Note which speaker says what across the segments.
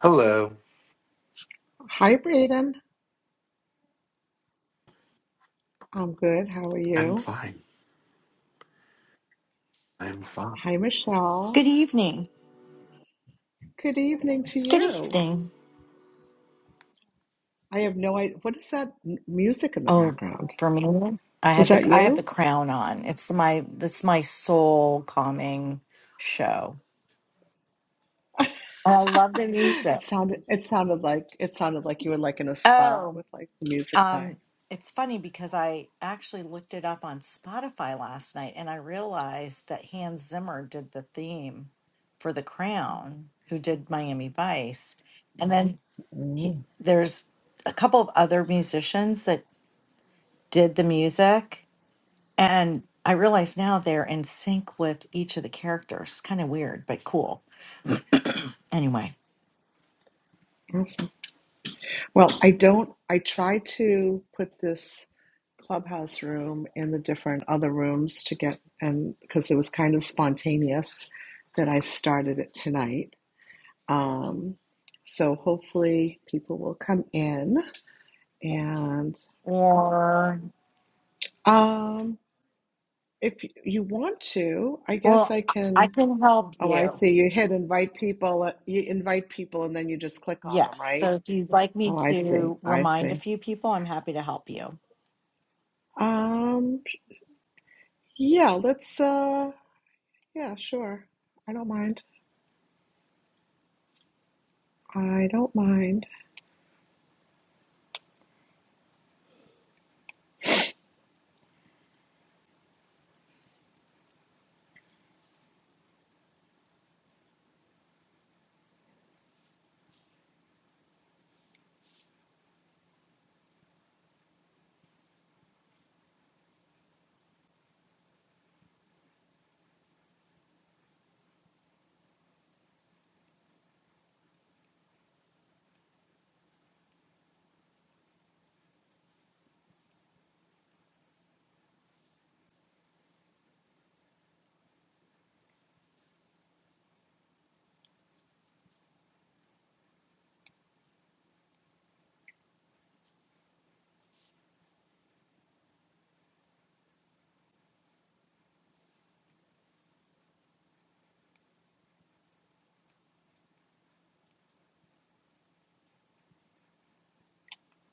Speaker 1: Hello.
Speaker 2: Hi, Braden. I'm good. How are
Speaker 1: I'm
Speaker 2: you?
Speaker 1: fine. I'm fine.
Speaker 2: Hi,
Speaker 3: Good
Speaker 2: Michelle.
Speaker 3: evening.
Speaker 2: Good evening to
Speaker 3: Good
Speaker 2: you.
Speaker 3: evening.
Speaker 2: I have no idea. What is that m- music in the
Speaker 3: Oh,
Speaker 2: background?
Speaker 3: for me, I
Speaker 2: Was
Speaker 3: had the
Speaker 2: that
Speaker 3: I have the
Speaker 2: you?
Speaker 3: crown on. It's my it's my soul calming show. And I love the music.
Speaker 2: It sounded. It sounded like it sounded like you were like in a spa
Speaker 3: Oh,
Speaker 2: with like the music playing.
Speaker 3: um, it's funny because I actually looked it up on Spotify last night and I realized that Hans Zimmer did the theme for The Crown, who did Miami Vice. And then he,
Speaker 2: Mm,
Speaker 3: there's a couple of other musicians that did the music. And I realize now they're in sync with each of the characters. Kind of weird, but cool. Anyway.
Speaker 2: awesome. Well, I don't. I try to put this clubhouse room in the different other rooms to get and because it was kind of spontaneous that I started it tonight Um, so hopefully people will come in and
Speaker 3: Or,
Speaker 2: um, if you want to, I guess
Speaker 3: well,
Speaker 2: I
Speaker 3: I
Speaker 2: can.
Speaker 3: can help
Speaker 2: Oh, I
Speaker 3: you.
Speaker 2: see. You hit invite people. uh, You invite people and then you just click on them,
Speaker 3: Yes.
Speaker 2: right?
Speaker 3: So if you'd like me
Speaker 2: Oh, I see.
Speaker 3: to
Speaker 2: I
Speaker 3: remind a
Speaker 2: see.
Speaker 3: few people, I'm happy to help you.
Speaker 2: Um, yeah, let's uh yeah, sure. I don't mind. I don't mind.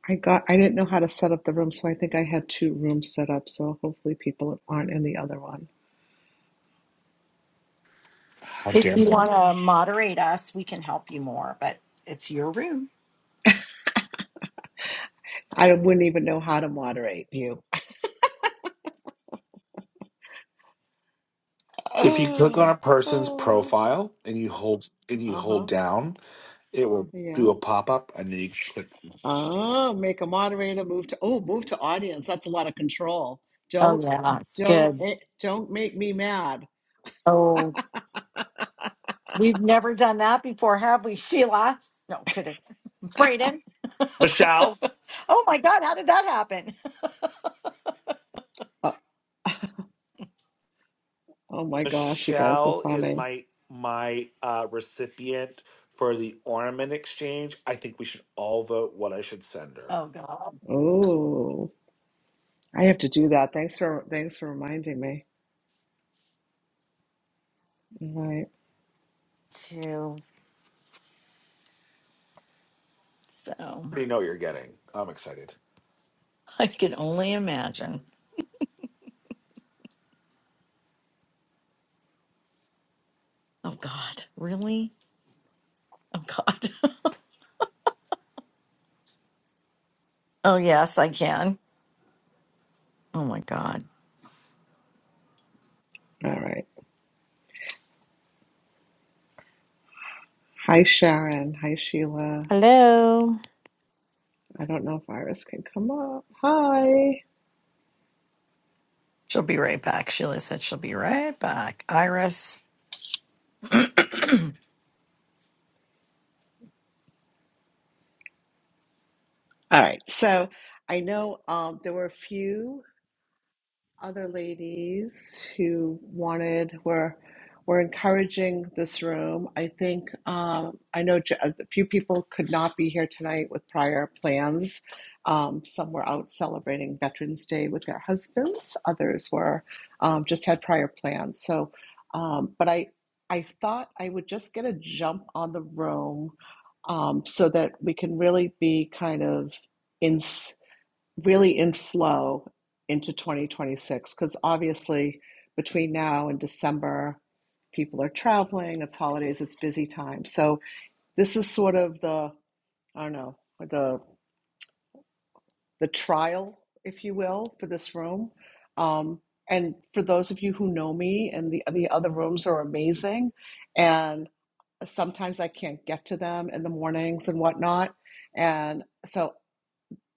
Speaker 2: I got I didn't know how to set up the room, so I think I had two rooms set up, so hopefully people aren't in the other one.
Speaker 1: How
Speaker 3: If
Speaker 1: dare
Speaker 3: you
Speaker 1: them?
Speaker 3: want to moderate us, we can help you more, but it's your room.
Speaker 2: I wouldn't even know how to moderate you.
Speaker 1: If you click on a person's profile and you hold and you
Speaker 2: uh-huh.
Speaker 1: hold down, it will
Speaker 2: Yeah.
Speaker 1: do a pop up, and then you can click.
Speaker 2: Ah, make a moderator, move to oh, move to audience. That's a lot of control.
Speaker 3: Oh,
Speaker 2: Don't
Speaker 3: yeah. It's
Speaker 2: don't
Speaker 3: good.
Speaker 2: eh, don't make me mad.
Speaker 3: Oh, we've never done that before, have we, Sheila? No, kidding. Braden.
Speaker 1: Michelle.
Speaker 3: oh my God, how did that happen?
Speaker 2: Uh, oh my gosh, you guys are
Speaker 1: Michelle is
Speaker 2: funny.
Speaker 1: my my uh, recipient for the ornament exchange. I think we should all vote what I should send her.
Speaker 3: oh
Speaker 1: I
Speaker 3: God,
Speaker 2: Oh, I have to do that. Thanks for thanks for reminding me. All right.
Speaker 3: too. So
Speaker 1: already know what you're getting. I'm excited.
Speaker 3: I can only imagine. Oh God, really? Oh God. oh yes, I can. Oh my God.
Speaker 2: All right. Hi Sharon. Hi Sheila.
Speaker 4: Hello.
Speaker 2: I don't know if Iris can come up. Hi.
Speaker 3: She'll be right back. Sheila said she'll be right back. Iris.
Speaker 2: All right. So I know um, there were a few. other ladies who wanted were were encouraging this room. I think um, I know j- a few people could not be here tonight with prior plans. Um, some were out celebrating Veterans Day with their husbands. Others were um, just had prior plans. So, um, but I I thought I would just get a jump on the room um, so that we can really be kind of in really in flow into 2026 because obviously between now and December, people are traveling, it's holidays, it's busy time. So this is sort of the, I don't know, the the trial, if you will, for this room. Um, and for those of you who know me and the the other rooms are amazing. And sometimes I can't get to them in the mornings and whatnot. And so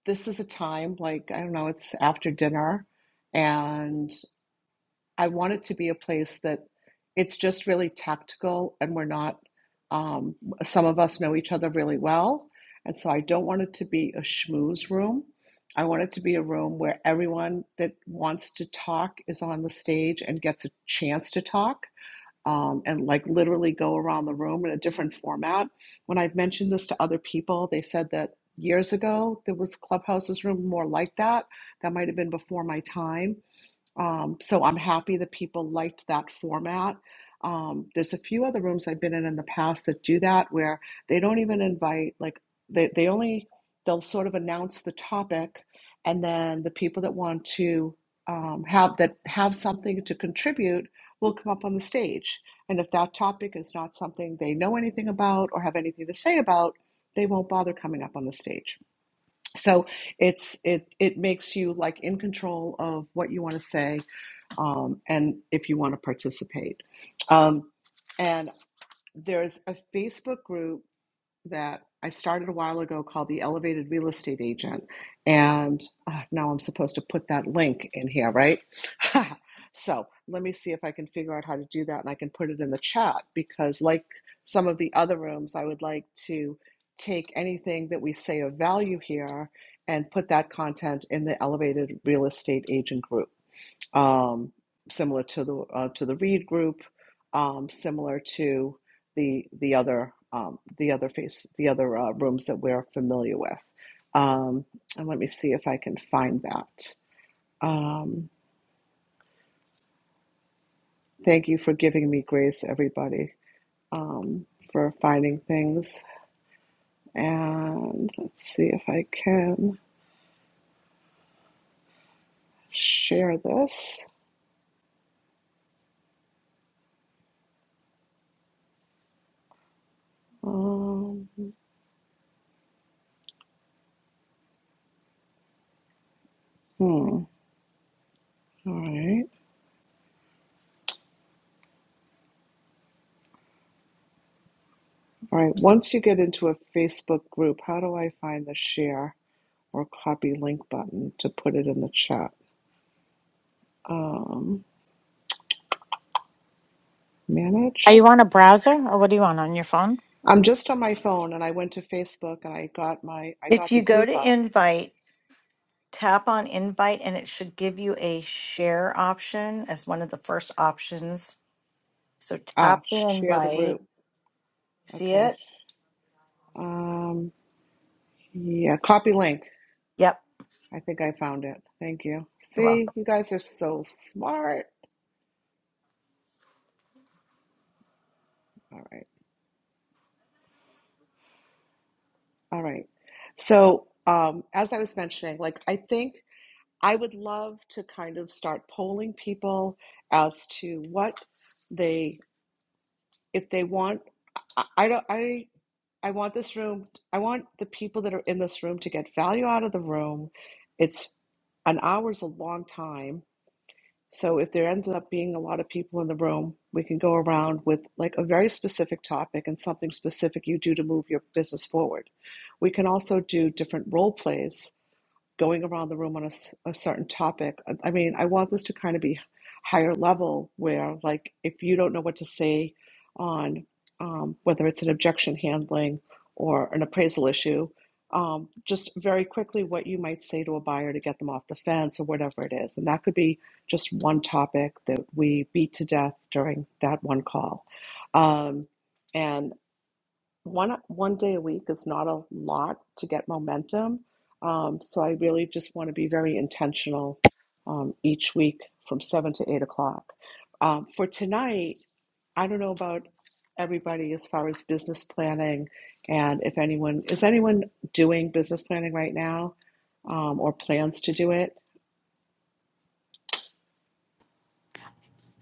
Speaker 2: this is a time like i don't know it's after dinner and i want it to be a place that it's just really tactical and we're not um, some of us know each other really well and so i don't want it to be a schmooze room i want it to be a room where everyone that wants to talk is on the stage and gets a chance to talk um, and like literally go around the room in a different format. When I've mentioned this to other people, they said that years ago there was Clubhouse's room more like that. That might have been before my time. Um, so I'm happy that people liked that format. Um, there's a few other rooms I've been in in the past that do that where they don't even invite, like, they, they only, they'll sort of announce the topic and then the people that want to um, have that have something to contribute will come up on the stage. And if that topic is not something they know anything about or have anything to say about, they won't bother coming up on the stage. So it's it it makes you like in control of what you want to say um, and if you want to participate. Um, and there's a Facebook group that I started a while ago called the Elevated Real Estate Agent, and uh, now I'm supposed to put that link in here, right? so let me see if I can figure out how to do that, and I can put it in the chat because, like some of the other rooms, I would like to take anything that we say of value here and put that content in the Elevated Real Estate Agent group um, similar to the uh, to the Reed group, um, similar to the the other um, the other face the other uh, rooms that we're familiar with. Um, and let me see if I can find that. Um, thank you for giving me grace, everybody, um, for finding things. And let's see if I can share this. Um, hmm, all right. All right, once you get into a Facebook group, how do I find the share or copy link button to put it in the chat? Um,
Speaker 4: Are
Speaker 2: manage.
Speaker 4: you on a browser or what do you want on your phone?
Speaker 2: I'm just on my phone and I went to Facebook and I got my I
Speaker 3: if
Speaker 2: got the
Speaker 3: you go
Speaker 2: group
Speaker 3: to
Speaker 2: up.
Speaker 3: invite, tap on invite and it should give you a share option as one of the first options. So
Speaker 2: Ah,
Speaker 3: tap the
Speaker 2: share the
Speaker 3: invite.
Speaker 2: group.
Speaker 3: See
Speaker 2: Okay.
Speaker 3: it?
Speaker 2: Um, yeah, copy link.
Speaker 3: Yep.
Speaker 2: I think I found it. Thank you.
Speaker 3: You're
Speaker 2: See,
Speaker 3: welcome.
Speaker 2: you guys are so smart. All right. All right. So, um, as I was mentioning, like I think I would love to kind of start polling people as to what they, if they want, I, I don't, I, I want this room, I want the people that are in this room to get value out of the room. It's an hour's a long time. So if there ends up being a lot of people in the room, we can go around with like a very specific topic and something specific you do to move your business forward. We can also do different role plays going around the room on a a certain topic. I I mean, I want this to kind of be higher level where, like, if you don't know what to say on um, whether it's an objection handling or an appraisal issue, um, just very quickly what you might say to a buyer to get them off the fence or whatever it is. And that could be just one topic that we beat to death during that one call. Um, and one one day a week is not a lot to get momentum. Um, so I really just want to be very intentional um, each week from seven to eight o'clock. Um, for tonight, I don't know about everybody as far as business planning and if anyone is anyone doing business planning right now um, or plans to do it.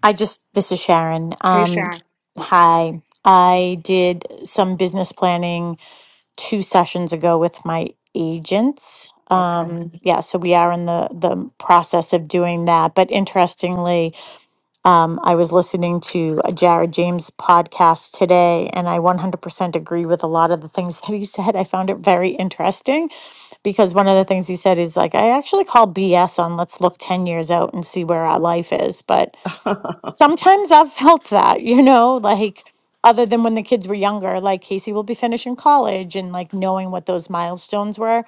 Speaker 4: I just, this is Sharon.
Speaker 2: Hey,
Speaker 4: Um,
Speaker 2: Sharon.
Speaker 4: hi. I did some business planning two sessions ago with my agents.
Speaker 2: Okay.
Speaker 4: Um, yeah, so we are in the, the process of doing that. But interestingly, um, I was listening to a Jared James podcast today and I 100% agree with a lot of the things that he said. I found it very interesting because one of the things he said is like i actually call bs on let's look 10 years out and see where our life is but sometimes i've felt that you know like other than when the kids were younger like casey will be finishing college and like knowing what those milestones were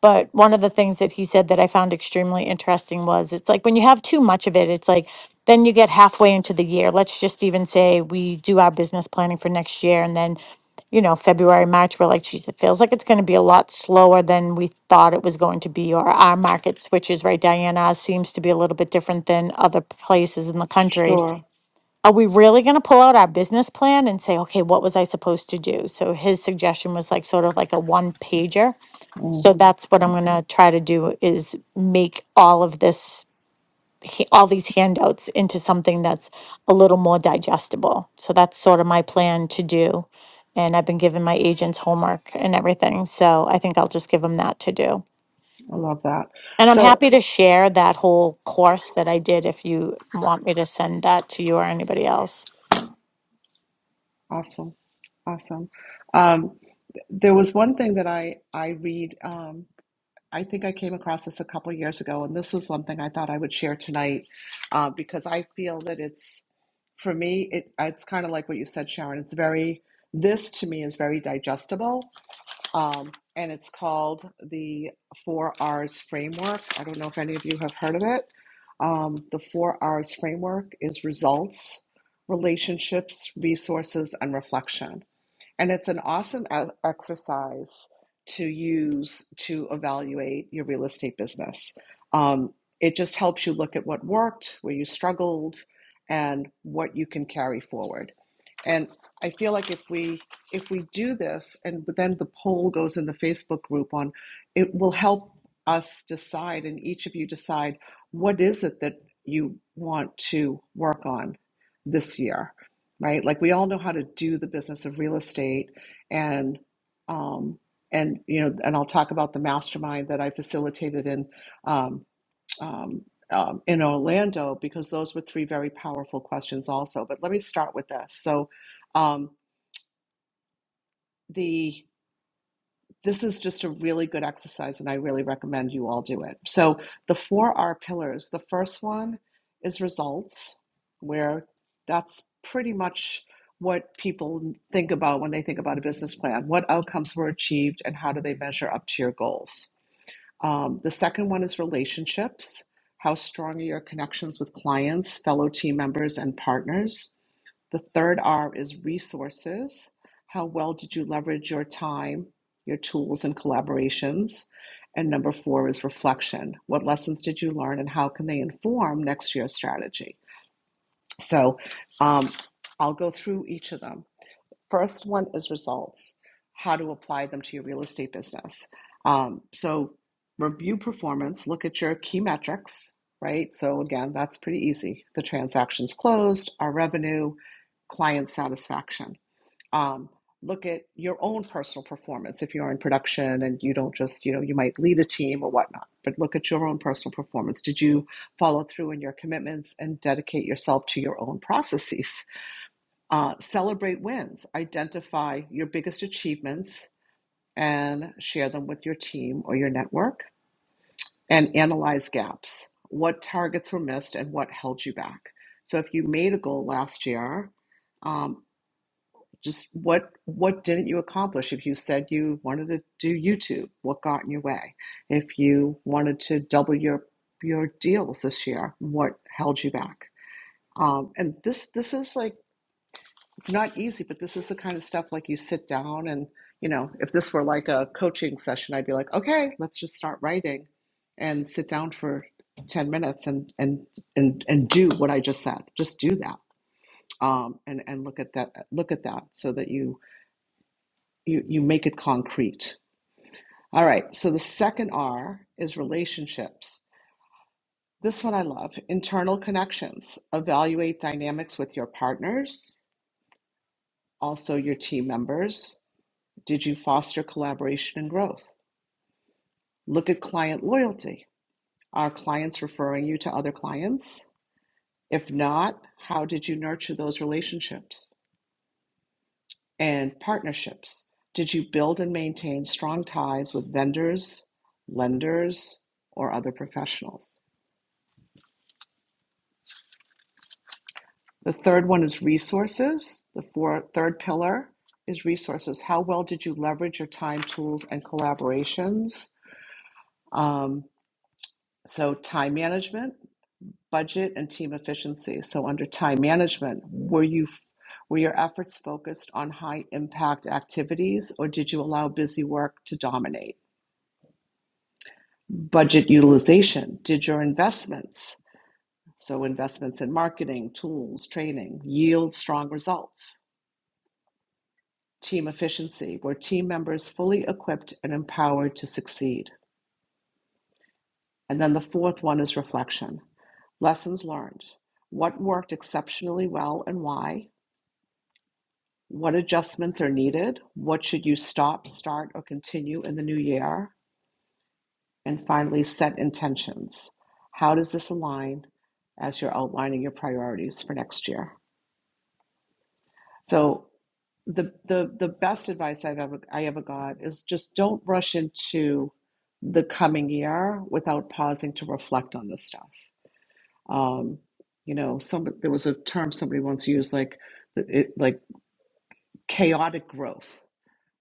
Speaker 4: but one of the things that he said that I found extremely interesting was it's like when you have too much of it, it's like then you get halfway into the year. Let's just even say we do our business planning for next year and then, you know, February, March, we're like, geez, it feels like it's going to be a lot slower than we thought it was going to be, or our market switches, right? Diana ours seems to be a little bit different than other places in the country.
Speaker 2: sure.
Speaker 4: Are we really going to pull out our business plan and say, okay, what was I supposed to do? So his suggestion was like sort of like a one pager
Speaker 2: Mm,
Speaker 4: so that's what I'm gonna try to do is make all of this, h- all these handouts into something that's a little more digestible. So that's sort of my plan to do. And I've been giving my agents homework and everything. So I think I'll just give them that to do.
Speaker 2: I love that.
Speaker 4: And I'm
Speaker 2: So
Speaker 4: happy to share that whole course that I did if you want me to send that to you or anybody else.
Speaker 2: awesome. Awesome. Um, th- there was one thing that I I read. Um, I think I came across this a couple years ago, and this was one thing I thought I would share tonight uh, because I feel that it's for me. It it's kind of like what you said, Sharon. It's very this to me is very digestible, um, and it's called the Four R's Framework. I don't know if any of you have heard of it. Um, the Four R's Framework is results, relationships, resources, and reflection and it's an awesome e- exercise to use to evaluate your real estate business. Um, it just helps you look at what worked, where you struggled, and what you can carry forward. And I feel like if we if we do this, and then the poll goes in the Facebook group on, it will help us decide, and each of you decide what is it that you want to work on this year right? Like we all know how to do the business of real estate and um, and you know and I'll talk about the mastermind that I facilitated in um, um, um, in Orlando because those were three very powerful questions also. But let me start with this. So um, the this is just a really good exercise and I really recommend you all do it. So, the four R pillars the first one is results, where that's pretty much what people think about when they think about a business plan what outcomes were achieved and how do they measure up to your goals. Um, the second one is relationships. How strong are your connections with clients, fellow team members, and partners? The third R is resources. How well did you leverage your time, your tools, and collaborations? And number four is reflection. What lessons did you learn, and how can they inform next year's strategy? So um, I'll go through each of them. First one is results, how to apply them to your real estate business. Um, so review performance, look at your key metrics, right? So again, that's pretty easy. The transactions closed, our revenue, client satisfaction. Um, look at your own personal performance if you're in production and you don't just, you know, you might lead a team or whatnot, but look at your own personal performance. Did you follow through in your commitments and dedicate yourself to your own processes? Uh, celebrate wins, identify your biggest achievements and share them with your team or your network, and analyze gaps. What targets were missed and what held you back? So, if you made a goal last year, um, just what what didn't you accomplish? If you said you wanted to do YouTube, what got in your way? If you wanted to double your your deals this year, what held you back? Um, and this this is like it's not easy, but this is the kind of stuff like you sit down and, you know, if this were like a coaching session, I'd be like, okay, let's just start writing and sit down for 10 minutes and, and, and, and do what I just said. Just do that. Um, and, and look at that, look at that so that you, you, you make it concrete. All right. So the second R is relationships. This one I love internal connections. Evaluate dynamics with your partners, also your team members Did you foster collaboration and growth? Look at client loyalty. Are clients referring you to other clients? If not, how did you nurture those relationships and partnerships? Did you build and maintain strong ties with vendors, lenders, or other professionals? The third one is resources. The four, third pillar is resources. How well did you leverage your time, tools, and collaborations? Um, so, time management budget and team efficiency. So under time management, were you were your efforts focused on high impact activities or did you allow busy work to dominate? Budget utilization, did your investments, so investments in marketing, tools, training, yield strong results? Team efficiency, were team members fully equipped and empowered to succeed? And then the fourth one is reflection. Lessons learned. What worked exceptionally well and why? What adjustments are needed? What should you stop, start, or continue in the new year? And finally, set intentions. How does this align as you're outlining your priorities for next year? So the the the best advice I've ever I ever got is just don't rush into the coming year without pausing to reflect on this stuff. Um, you know, some there was a term somebody once used like it, like chaotic growth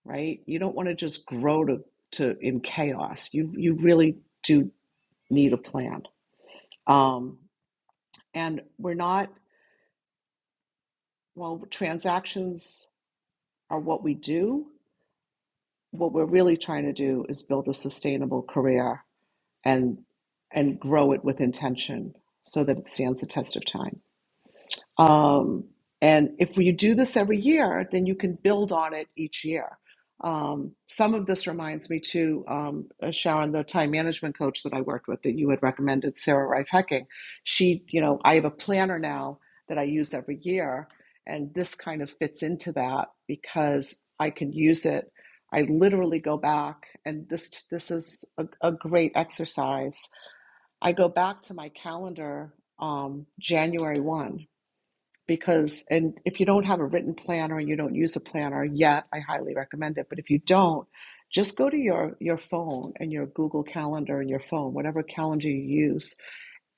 Speaker 2: right? You don't want to just grow to, to in chaos. You you really do need a plan. Um, and we're not well. Transactions are what we do. What we're really trying to do is build a sustainable career and and grow it with intention so that it stands the test of time. Um, and if you do this every year, then you can build on it each year. Um, some of this reminds me to um, uh, Sharon, the time management coach that I worked with that you had recommended, Sarah Rife Hecking. She, you know, I have a planner now that I use every year, and this kind of fits into that because I can use it. I literally go back, and this this is a, a great exercise. I go back to my calendar um, January one because and if you don't have a written planner and you don't use a planner yet i highly recommend it but if you don't just go to your your phone and your google calendar and your phone whatever calendar you use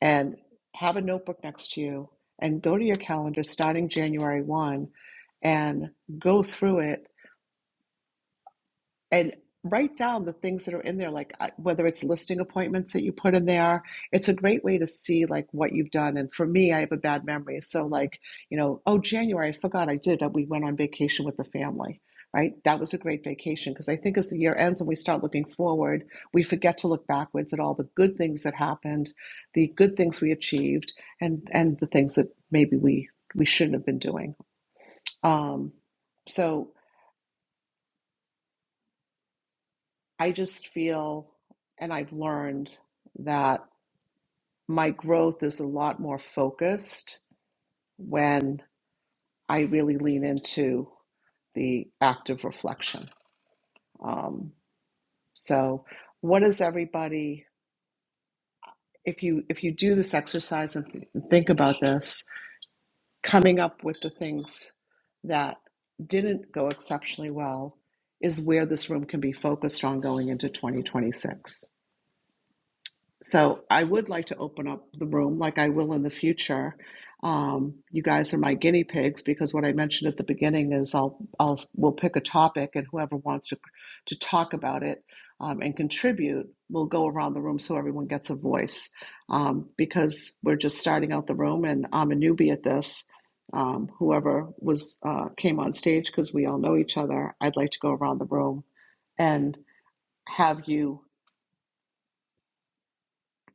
Speaker 2: and have a notebook next to you and go to your calendar starting january 1 and go through it and write down the things that are in there like whether it's listing appointments that you put in there it's a great way to see like what you've done and for me i have a bad memory so like you know oh january i forgot i did uh, we went on vacation with the family right that was a great vacation because i think as the year ends and we start looking forward we forget to look backwards at all the good things that happened the good things we achieved and and the things that maybe we we shouldn't have been doing um so I just feel, and I've learned that my growth is a lot more focused when I really lean into the active reflection. Um, so, what is everybody? If you if you do this exercise and th- think about this, coming up with the things that didn't go exceptionally well is where this room can be focused on going into 2026. So I would like to open up the room like I will in the future. Um, you guys are my guinea pigs because what I mentioned at the beginning is I'll, I'll we'll pick a topic and whoever wants to to talk about it um, and contribute will go around the room so everyone gets a voice um, because we're just starting out the room and I'm a newbie at this. Um, whoever was uh, came on stage because we all know each other, I'd like to go around the room and have you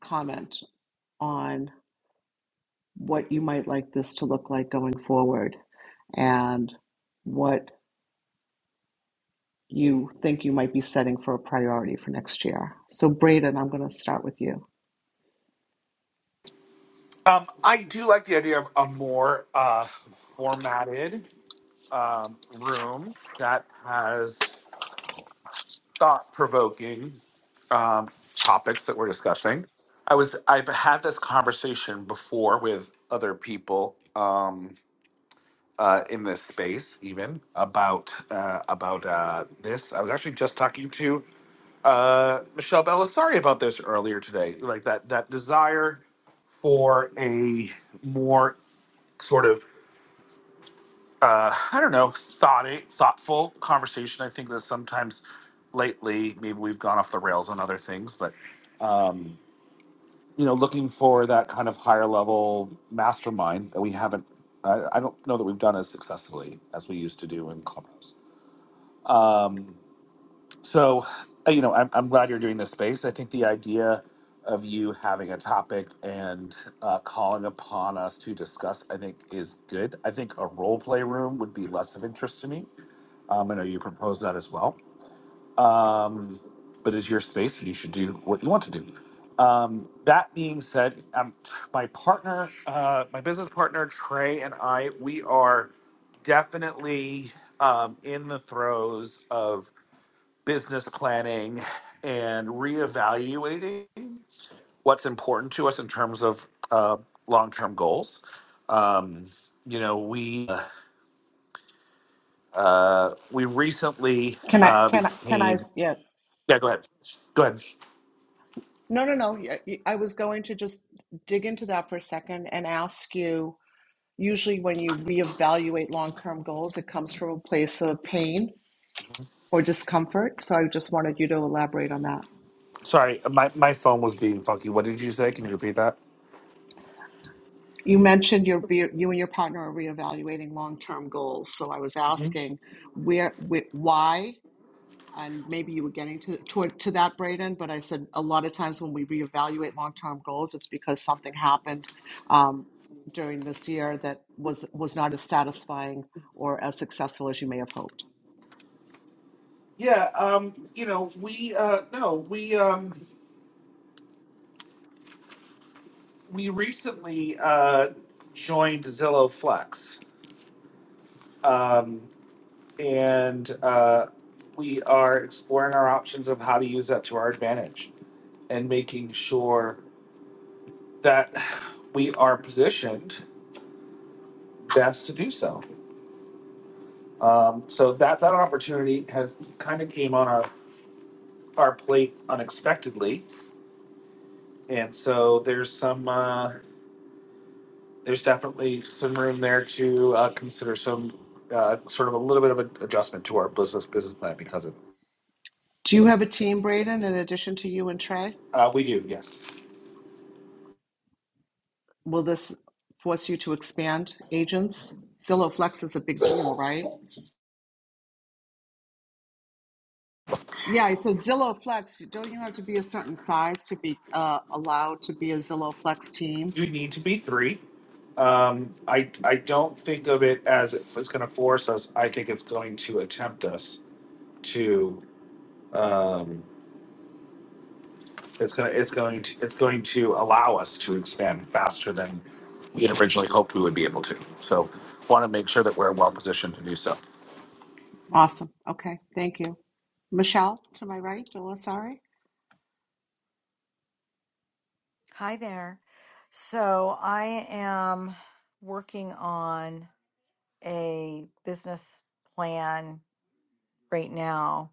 Speaker 2: comment on what you might like this to look like going forward and what you think you might be setting for a priority for next year. So Braden, I'm going to start with you.
Speaker 1: Um, I do like the idea of a more uh, formatted um, room that has thought provoking um, topics that we're discussing. I was I've had this conversation before with other people um, uh, in this space, even about uh, about uh, this. I was actually just talking to uh, Michelle Belisari about this earlier today. Like that that desire for a more sort of uh, I don't know, thought thoughtful conversation. I think that sometimes lately maybe we've gone off the rails on other things, but um, you know, looking for that kind of higher level mastermind that we haven't. I, I don't know that we've done as successfully as we used to do in clubhouse. Um, so, uh, you know, I'm, I'm glad you're doing this space. I think the idea of you having a topic and uh, calling upon us to discuss, I think, is good. I think a role play room would be less of interest to me um, I know you proposed that as well. Um, but it's your space and you should do what you want to do. Um, that being said, um, my partner, uh, my business partner, Trey, and I, we are definitely um, in the throes of business planning and reevaluating what's important to us in terms of uh, long term goals. Um, you know, we uh, we recently
Speaker 2: Can I
Speaker 1: uh,
Speaker 2: can I can I?
Speaker 1: became
Speaker 2: yeah.
Speaker 1: Yeah, go ahead. Go ahead.
Speaker 2: No, no, no. Yeah, y- y- I was going to just dig into that for a second and ask you usually when you reevaluate long-term goals it comes from a place of pain or discomfort. So I just wanted you to elaborate on that.
Speaker 1: Sorry, my, my phone was being funky. What did you say? Can you repeat that?
Speaker 2: You mentioned your you and your partner are reevaluating long-term goals. So I was
Speaker 1: Mhm.
Speaker 2: asking where, where why, and maybe you were getting to toward to that, Braden. But I said a lot of times when we reevaluate long-term goals, it's because something happened um, during this year that was was not as satisfying or as successful as you may have hoped.
Speaker 1: Yeah, um, you know, we uh no, we um we recently uh joined Zillow Flex. Um and uh we are exploring our options of how to use that to our advantage and making sure that we are positioned best to do so. Um so that that opportunity has kind of came on our our plate unexpectedly, and so there's some uh, there's definitely some room there to uh, consider some uh, sort of a little bit of an adjustment to our business business plan because of
Speaker 2: Do you have a team, Braden, in addition to you and Trey?
Speaker 1: uh, we do yes
Speaker 2: Will this force you to expand agents? Zillow Flex is a big deal, right? Yeah, so Zillow Flex, don't you have to be a certain size to be uh, allowed to be a Zillow Flex team?
Speaker 1: you need to be three. Um, I I don't think of it as if it's going to force us. I think it's going to attempt us to um, It's gonna, it's going to, it's going to allow us to expand faster than we had originally hoped we would be able to. So, want to make sure that we're well positioned to do so.
Speaker 2: Awesome. Okay, thank you. Michelle, to my right, Belisari.
Speaker 3: Hi there. So I am working on a business plan right now,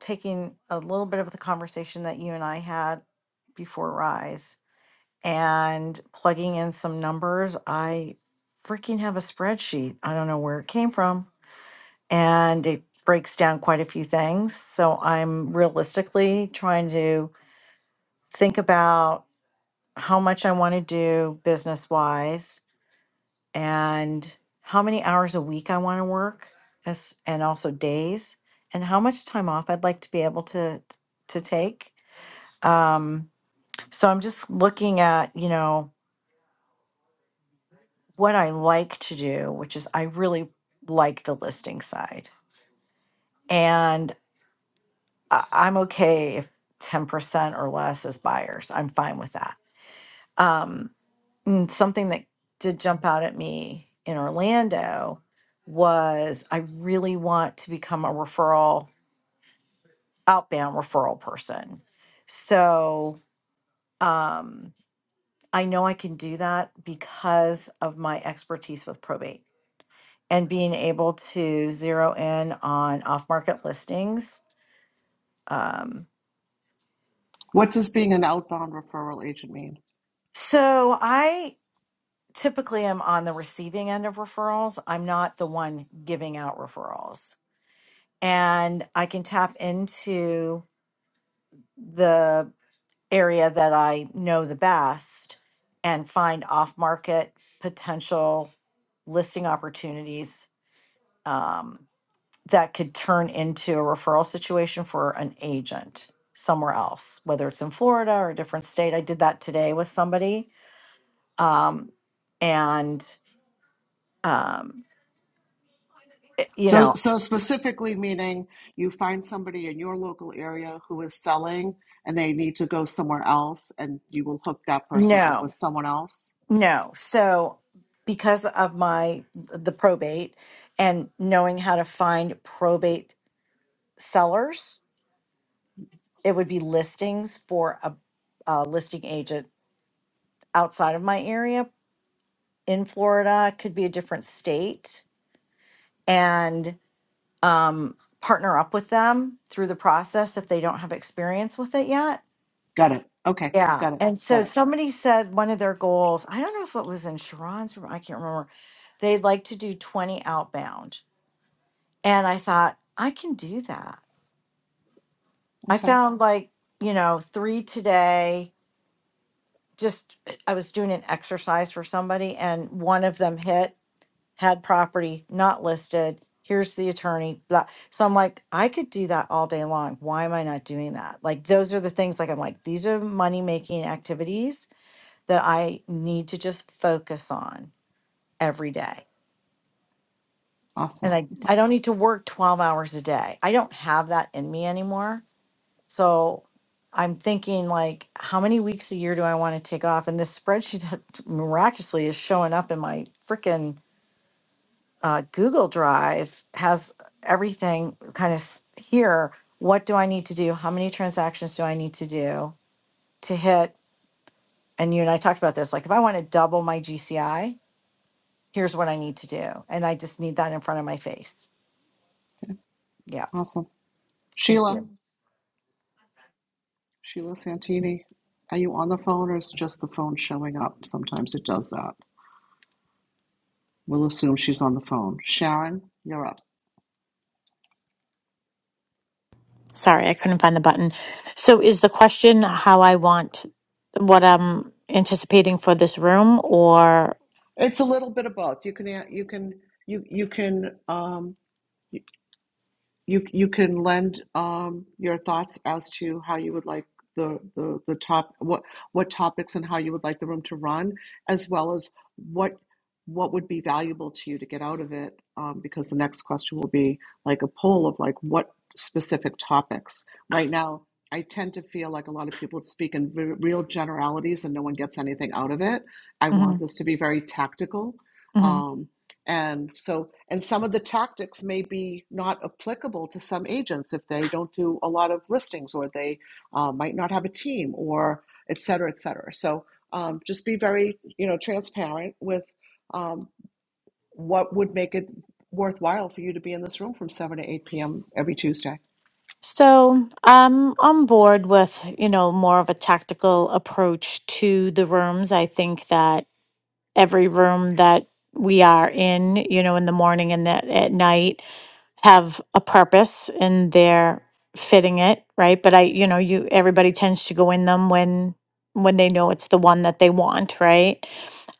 Speaker 3: taking a little bit of the conversation that you and I had before Rise and plugging in some numbers. I freaking have a spreadsheet. I don't know where it came from. And it breaks down quite a few things. So I'm realistically trying to think about. how much I want to do business wise and how many hours a week I want to work as and also days and how much time off I'd like to be able to to take. Um, so I'm just looking at, you know, what I like to do, which is I really like the listing side. And I, I'm okay if 10% or less is buyers. I'm fine with that. Um, Mm, something that did jump out at me in Orlando was I really want to become a referral, outbound referral person. So um, I know I can do that because of my expertise with probate and being able to zero in on off market listings. Um,
Speaker 2: What does being an outbound referral agent mean?
Speaker 3: so I typically am on the receiving end of referrals, I'm not the one giving out referrals. and I can tap into the area that I know the best and find off market potential listing opportunities um, that could turn into a referral situation for an agent somewhere else, whether it's in Florida or a different state. I did that today with somebody. Um, and, um, it- you
Speaker 2: So,
Speaker 3: know,
Speaker 2: so specifically meaning you find somebody in your local area who is selling and they need to go somewhere else and you will hook that person up
Speaker 3: no.
Speaker 2: with someone else?
Speaker 3: No. So because of my the probate and knowing how to find probate sellers, it would be listings for a, a listing agent outside of my area in Florida, could be a different state and um partner up with them through the process if they don't have experience with it yet.
Speaker 2: Got it. Okay,
Speaker 3: Yeah.
Speaker 2: got it,
Speaker 3: And
Speaker 2: got
Speaker 3: so
Speaker 2: it.
Speaker 3: somebody said one of their goals, I don't know if it was in Sharon's room, I can't remember. They'd like to do 20 outbound And I thought, I can do that. I
Speaker 2: Okay,
Speaker 3: found like, you know, three today. Just, eh, I was doing an exercise for somebody, and one of them hit, had property not listed. Here's the attorney. Blah. So I'm like, I could do that all day long. Why am I not doing that? Like, those are the things, like, I'm like, these are money making activities that I need to just focus on every day. And
Speaker 2: awesome,
Speaker 3: I, I don't need to work 12 hours a day. I don't have that in me anymore So I'm thinking like, how many weeks a year do I want to take off? And this spreadsheet that miraculously is showing up in my freaking uh, Google Drive has everything kind of here. What do I need to do? How many transactions do I need to do to hit? And you and I talked about this. Like, if I want to double my GCI, here's what I need to do, and I just need that in front of my face. Yeah,
Speaker 2: awesome.
Speaker 3: thank you.
Speaker 2: Sheila. Sheila Santini, are you on the phone or is just the phone showing up? Sometimes it does that. We'll assume she's on the phone. Sharon, you're up.
Speaker 4: Sorry, I couldn't find the button. So is the question how I want what I'm anticipating for this room or?
Speaker 2: It's a little bit of both. You can you can you you can um, you you can lend um, your thoughts as to how you would like the, the the top what what topics and how you would like the room to run, as well as what what would be valuable to you to get out of it. Um, because the next question will be like a poll of like what specific topics. Right now, I tend to feel like a lot of people speak in re- real generalities and no one gets anything out of it. I
Speaker 4: mm-hmm.
Speaker 2: want this to be very tactical.
Speaker 4: hmm
Speaker 2: um. And so, and some of the tactics may be not applicable to some agents if they don't do a lot of listings or they uh, might not have a team or et cetera, et cetera. So um, just be very, you know, transparent with um, what would make it worthwhile for you to be in this room from 7 to 8 p.m. every Tuesday.
Speaker 4: So I'm on board with, you know, more of a tactical approach to the rooms. I think that every room that we are in, you know, in the morning and that at night. have a purpose and they're fitting it right but i you know you everybody tends to go in them when when they know it's the one that they want right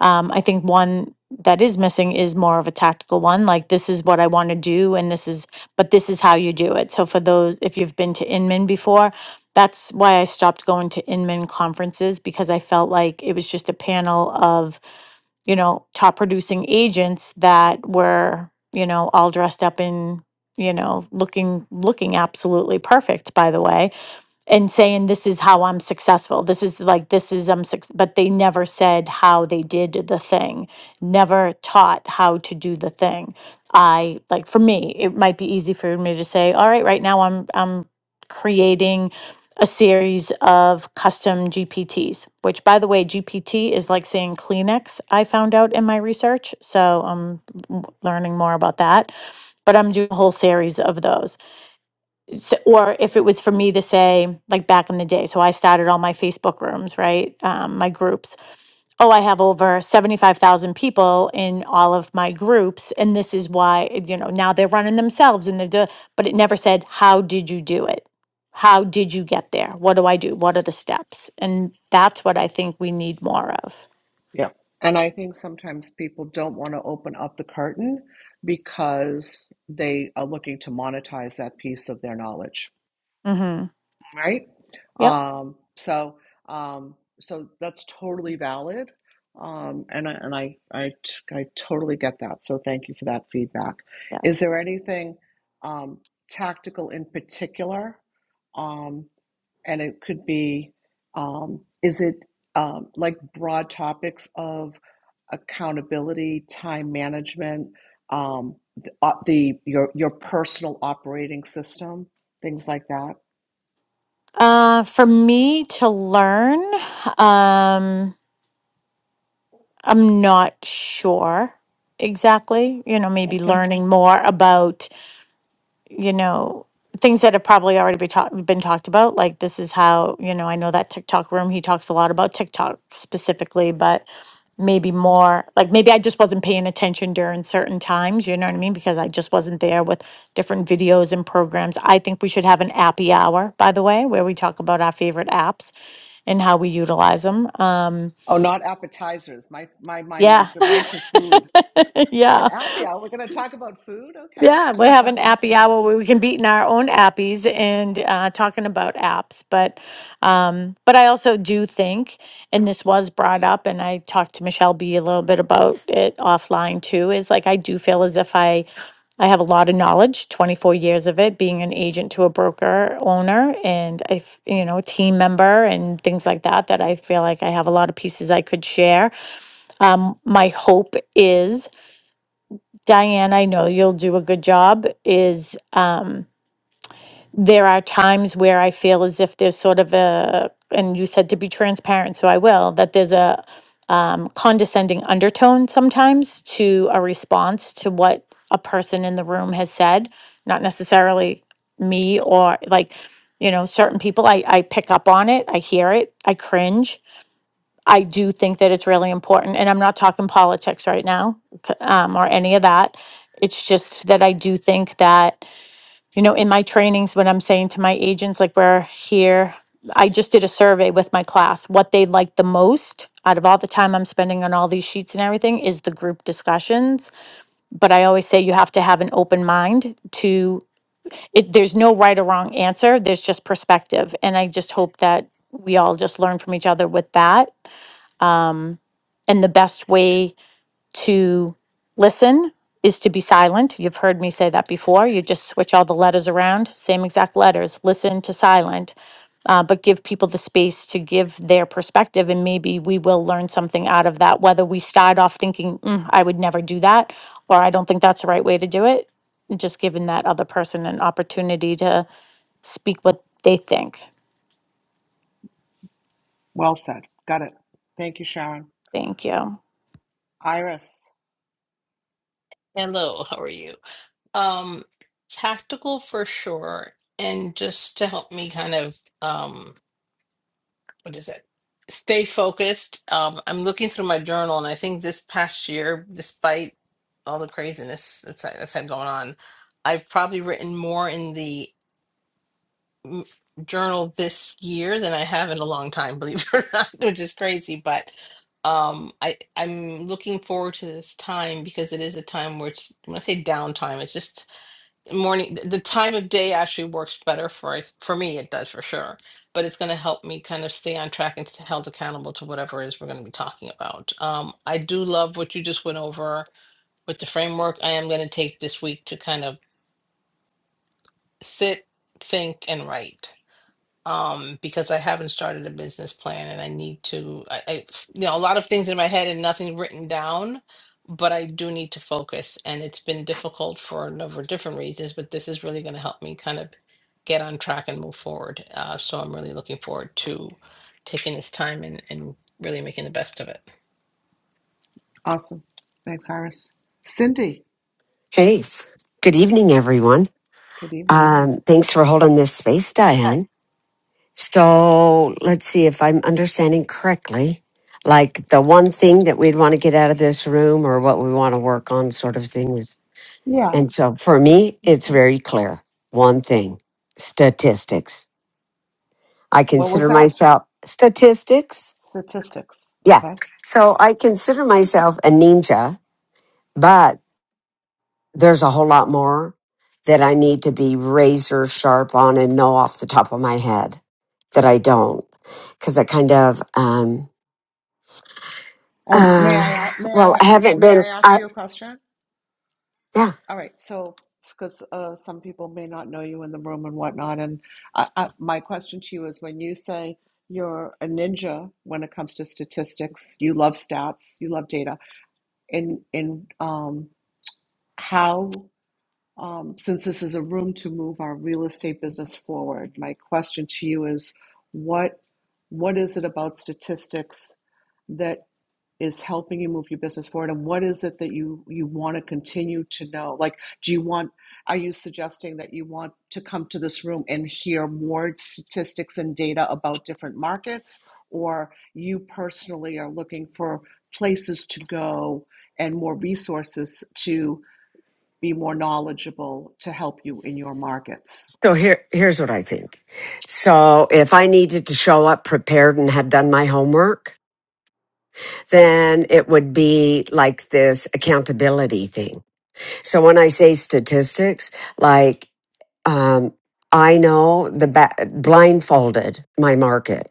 Speaker 4: um, i think one that is missing is more of a tactical one like this is what i want to do and this is but this is how you do it so for those if you've been to inman before that's why i stopped going to inman conferences because i felt like it was just a panel of you know, top producing agents that were, you know, all dressed up in, you know, looking looking absolutely perfect by the way and saying this is how I'm successful. This is like this is I'm suc but they never said how they did the thing. Never taught how to do the thing. I like for me, it might be easy for me to say, all right, right now I'm I'm creating a series of custom GPTs, which by the way, GPT is like saying Kleenex, I found out in my research. So I'm learning more about that. But I'm doing a whole series of those so, or if it was for me to say like back in the day so i started all my facebook rooms right um, my groups oh i have over 75000 people in all of my groups and this is why you know now they're running themselves and they're do- but it never said how did you do it how did you get there what do i do what are the steps and that's what i think we need more of
Speaker 2: Yeah. And I think sometimes people don't want to open up the curtain because they are looking to monetize that piece of their knowledge.
Speaker 4: mm-hmm.
Speaker 2: right?
Speaker 4: yep
Speaker 2: Um, so um, so that's totally valid, um, and I, and I, I t- I totally get that. So thank you for that feedback.
Speaker 4: yeah
Speaker 2: Is there anything um, tactical in particular? Um, and it could be um, is it um, like broad topics of accountability, time management, um, the, uh, the your your personal operating system, things like that.
Speaker 4: uh, for me to learn um I'm not sure exactly, you know, maybe
Speaker 2: Okay.
Speaker 4: learning more about, you know, things that have probably already been, talk- been talked about. Like, this is how, you know, I know that TikTok room, he talks a lot about TikTok specifically, but maybe more like maybe I just wasn't paying attention during certain times, you know what I mean? Because I just wasn't there with different videos and programs. I think we should have an appy hour, by the way, where we talk about our favorite apps and how we utilize them. Um,
Speaker 2: Oh, not appetizers. My my mind
Speaker 4: yeah.
Speaker 2: went to right to food.
Speaker 4: yeah.
Speaker 2: On Happy Hour, we're going to talk about food. Okay.
Speaker 4: Yeah, we have an appy hour where we can be in our own appies and uh, talking about apps. But, um, but I also do think, and this was brought up, and I talked to Michelle B a little bit about it offline too. Is like I do feel as if I I have a lot of knowledge, twenty four years of it, being an agent to a broker owner, and I f- you know team member and things like that. That I feel like I have a lot of pieces I could share. Um, my hope is Diane, I know you'll do a good job, is um, there are times where I feel as if there's sort of a, and you said to be transparent, so I will, that there's a um, condescending undertone sometimes to a response to what a person in the room has said, not necessarily me or like, you know, certain people, I, I pick up on it, I hear it, I cringe. I do think that it's really important, and I'm not talking politics right now c- um, or any of that. It's just that I do think that, you know, in my trainings, when I'm saying to my agents, like we're here, I just did a survey with my class. What they like the most out of all the time I'm spending on all these sheets and everything is the group discussions. But I always say you have to have an open mind to it. There's no right or wrong answer, there's just perspective. And I just hope that we all just learn from each other with that um, and the best way to listen is to be silent. You've heard me say that before. You just switch all the letters around, same exact letters, listen to silent, uh, but give people the space to give their perspective. And maybe we will learn something out of that, whether we start off thinking, "Mm, I would never do that, or I don't think that's the right way to do it. Just giving that other person an opportunity to speak what they think.
Speaker 2: Well said. Got it. Thank you, Sharon.
Speaker 4: Thank you.
Speaker 2: Iris.
Speaker 5: Hello, how are you? Um, tactical for sure, and just to help me kind of um, what is it? Stay focused. Um, I'm looking through my journal, and I think this past year, despite all the craziness that's have had going on, I've probably written more in the mm, journal this year than I have in a long time, believe it or not, which is crazy, but um i i'm looking forward to this time because it is a time where it's, when i say downtime it's just morning the time of day actually works better for us- for me it does for sure but it's going to help me kind of stay on track and stay held accountable to whatever it is we're going to be talking about um, i do love what you just went over with the framework i am going to take this week to kind of sit think and write um, because I haven't started a business plan and I need to, I, I, you know, a lot of things in my head and nothing written down, but I do need to focus. And it's been difficult for a number of different reasons, but this is really going to help me kind of get on track and move forward. Uh, so I'm really looking forward to taking this time and, and really making the best of it.
Speaker 2: Awesome. Thanks, Iris. Cindy.
Speaker 6: Hey, good evening, everyone.
Speaker 2: Good evening.
Speaker 6: Um, thanks for holding this space, Diane. So let's see if I'm understanding correctly. Like the one thing that we'd want to get out of this room or what we want to work on, sort of thing is. And
Speaker 2: Yes.
Speaker 6: so for me, it's very clear. One thing statistics. I
Speaker 2: What was
Speaker 6: consider
Speaker 2: that?
Speaker 6: myself statistics.
Speaker 2: Statistics.
Speaker 6: Yeah.
Speaker 2: Okay.
Speaker 6: So I consider myself a ninja, but there's a whole lot more that I need to be razor sharp on and know off the top of my head that I don't because I kind of um
Speaker 2: And may I
Speaker 6: uh
Speaker 2: a- may
Speaker 6: well
Speaker 2: I
Speaker 6: I haven't
Speaker 2: may I
Speaker 6: been
Speaker 2: ask
Speaker 6: I
Speaker 2: you a question?
Speaker 6: yeah
Speaker 2: All right, so because uh, some people may not know you in the room and whatnot, and I, I, my question to you is when you say you're a ninja when it comes to statistics, you love stats, you love data, In in um, how, um, since this is a room to move our real estate business forward, my question to you is what what is it about statistics? that is helping you move your business forward and what is it that you you want to continue to know like do you want are you suggesting that you want to come to this room and hear more statistics and data about different markets or you personally are looking for places to go and more resources to be more knowledgeable to help you in your markets
Speaker 6: so here here's what I think so if I needed to show up prepared and had done my homework then it would be like this accountability thing so when I say statistics like. Um, I know the ba- blindfolded my market,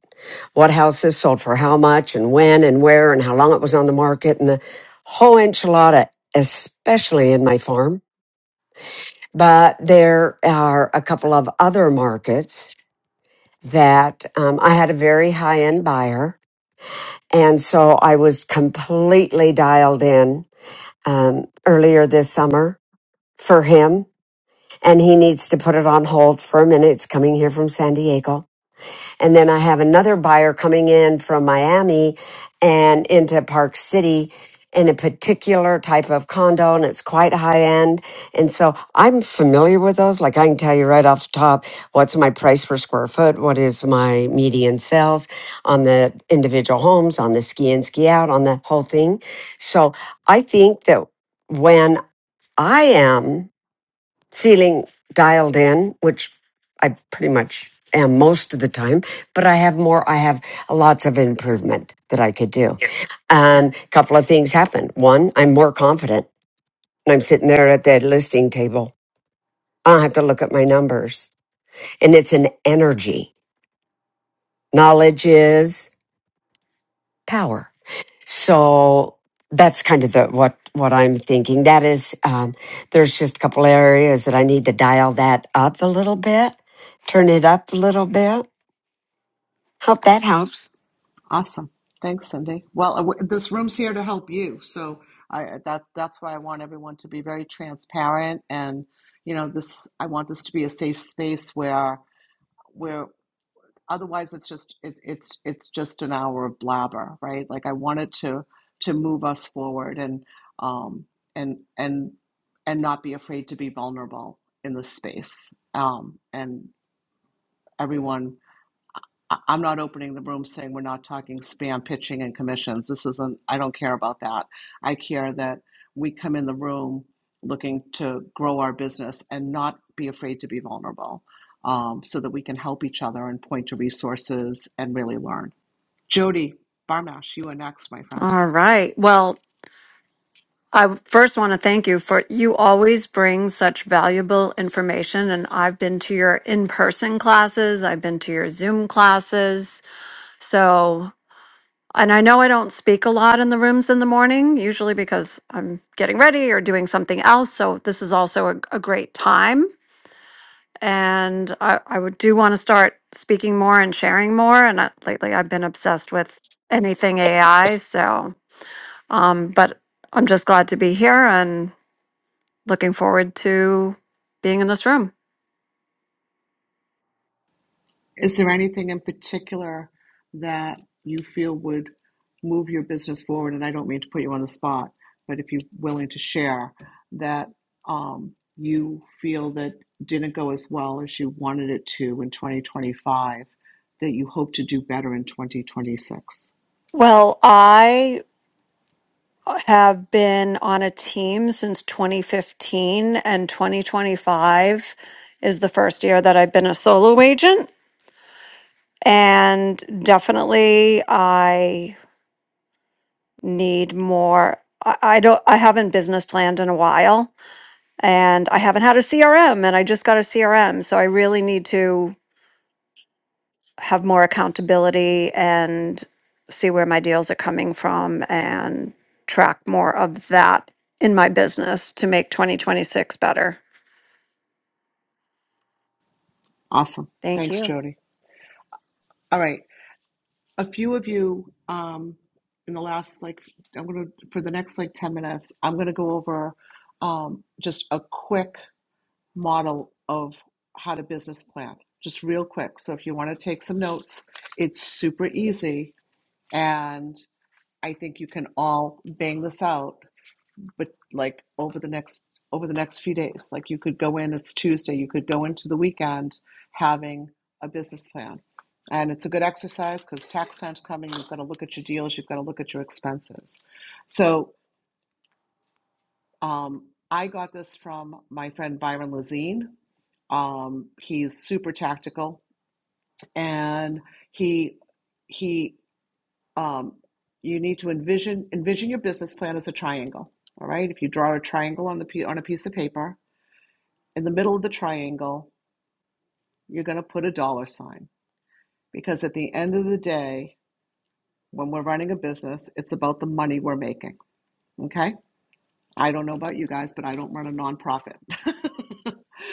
Speaker 6: what houses sold for how much and when and where and how long it was on the market and the whole enchilada, especially in my farm. But there are a couple of other markets that um, I had a very high end buyer. And so I was completely dialed in um, earlier this summer for him. And he needs to put it on hold for a minute. It's coming here from San Diego And then I have another buyer coming in from Miami and into Park City in a particular type of condo and it's quite high end. And so I'm familiar with those. Like I can tell you right off the top what's my price per square foot, what is my median sales on the individual homes, on the ski in, ski out, on the whole thing. So I think that when I am feeling dialed in, which I pretty much am most of the time, but I have more, I have lots of improvement that I could do. And a couple of things happen. One, I'm more confident and I'm sitting there at that listing table. I don't have to look at my numbers. And it's an energy. Knowledge is power. So that's kind of the what what I'm thinking. That is, um, there's just a couple areas that I need to dial that up a little bit, turn it up a little bit. Hope that helps.
Speaker 2: Awesome. Thanks, Cindy. Well, uh, w- this room's here to help you. So I that that's why I want everyone to be very transparent and you know this I want this to be a safe space where where otherwise it's just it, it's it's just an hour of blabber, right? Like I wanted to to move us forward and um and and and not be afraid to be vulnerable in this space. Um and everyone I- I'm not opening the room saying we're not talking spam pitching and commissions. This isn't, I don't care about that. I care that we come in the room looking to grow our business and not be afraid to be vulnerable um, so that we can help each other and point to resources and really learn. Jody Barmash, you are next, my friend.
Speaker 7: All right. Well, I first want to thank you for you always bring such valuable information. And I've been to your in person classes, I've been to your Zoom classes. So, and I know I don't speak a lot in the rooms in the morning, usually because I'm getting ready or doing something else. So, this is also a, a great time. And I, I would do want to start speaking more and sharing more. And I, lately, I've been obsessed with anything AI. So, Um, but I'm just glad to be here and looking forward to being in this room.
Speaker 2: Is there anything in particular that you feel would move your business forward? And I don't mean to put you on the spot, but if you're willing to share that um, you feel that didn't go as well as you wanted it to in 2025, that you hope to do better in 2026.
Speaker 7: Well, I have been on a team since 2015, and 2025 is the first year that I've been a solo agent. And definitely, I need more. I I don't. I haven't business planned in a while, and I haven't had a CRM, and I just got a CRM, so I really need to have more accountability and see where my deals are coming from and track more of that in my business to make 2026 better.
Speaker 2: Awesome.
Speaker 7: Thank
Speaker 2: Thanks,
Speaker 7: you.
Speaker 2: Jody. All right. A few of you um, in the last, like, I'm going to, for the next like 10 minutes, I'm going to go over um, just a quick model of how to business plan, just real quick. So if you want to take some notes, it's super easy. And I think you can all bang this out, but like over the next over the next few days. Like you could go in, it's Tuesday, you could go into the weekend having a business plan. And it's a good exercise because tax time's coming. You've got to look at your deals. You've got to look at your expenses. So um, I got this from my friend Byron Lazine, Um, he's super tactical, and he he um, you need to envision envision your business plan as a triangle. All right, if you draw a triangle on the pi- on a piece of paper, in the middle of the triangle, you're going to put a dollar sign because at the end of the day, when we're running a business, it's about the money we're making. Okay, I don't know about you guys, but I don't run a nonprofit,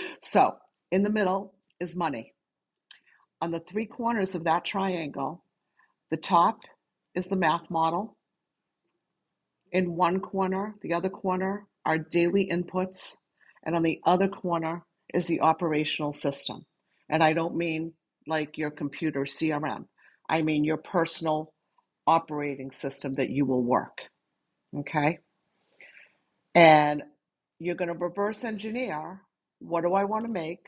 Speaker 2: so in the middle is money. On the three corners of that triangle The top is the math model. In one corner, the other corner are daily inputs, and on the other corner is the operational system. And I don't mean like your computer CRM, I mean your personal operating system that you will work. Okay. And you're going to reverse engineer what do I want to make?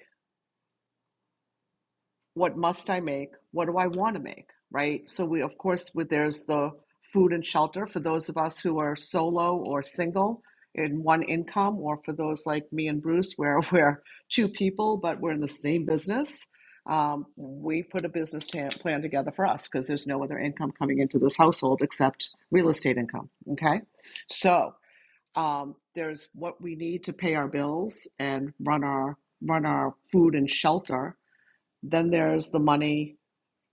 Speaker 2: what must I make? What do I want to make? Right. So we, of course, with there's the food and shelter for those of us who are solo or single in one income, or for those like me and Bruce, where we're two people but we're in the same business. Um, we put a business plan together for us because there's no other income coming into this household except real estate income. Okay, so um, there's what we need to pay our bills and run our run our food and shelter then there's the money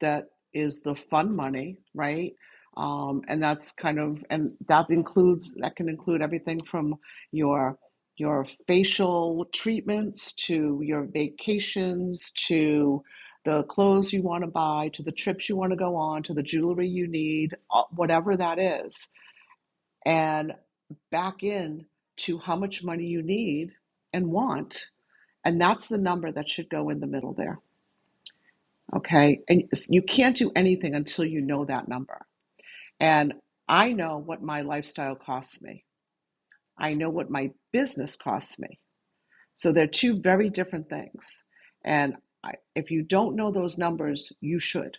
Speaker 2: that is the fun money, right? Um, and that's kind of and that includes that can include everything from your your facial treatments to your vacations to the clothes you want to buy to the trips you want to go on to the jewelry you need, uh, whatever that is. And back in to how much money you need and want. And that's the number that should go in the middle there Okay. And you can't do anything until you know that number. And I know what my lifestyle costs me, I know what my business costs me. So they're two very different things. And I, if you don't know those numbers, you should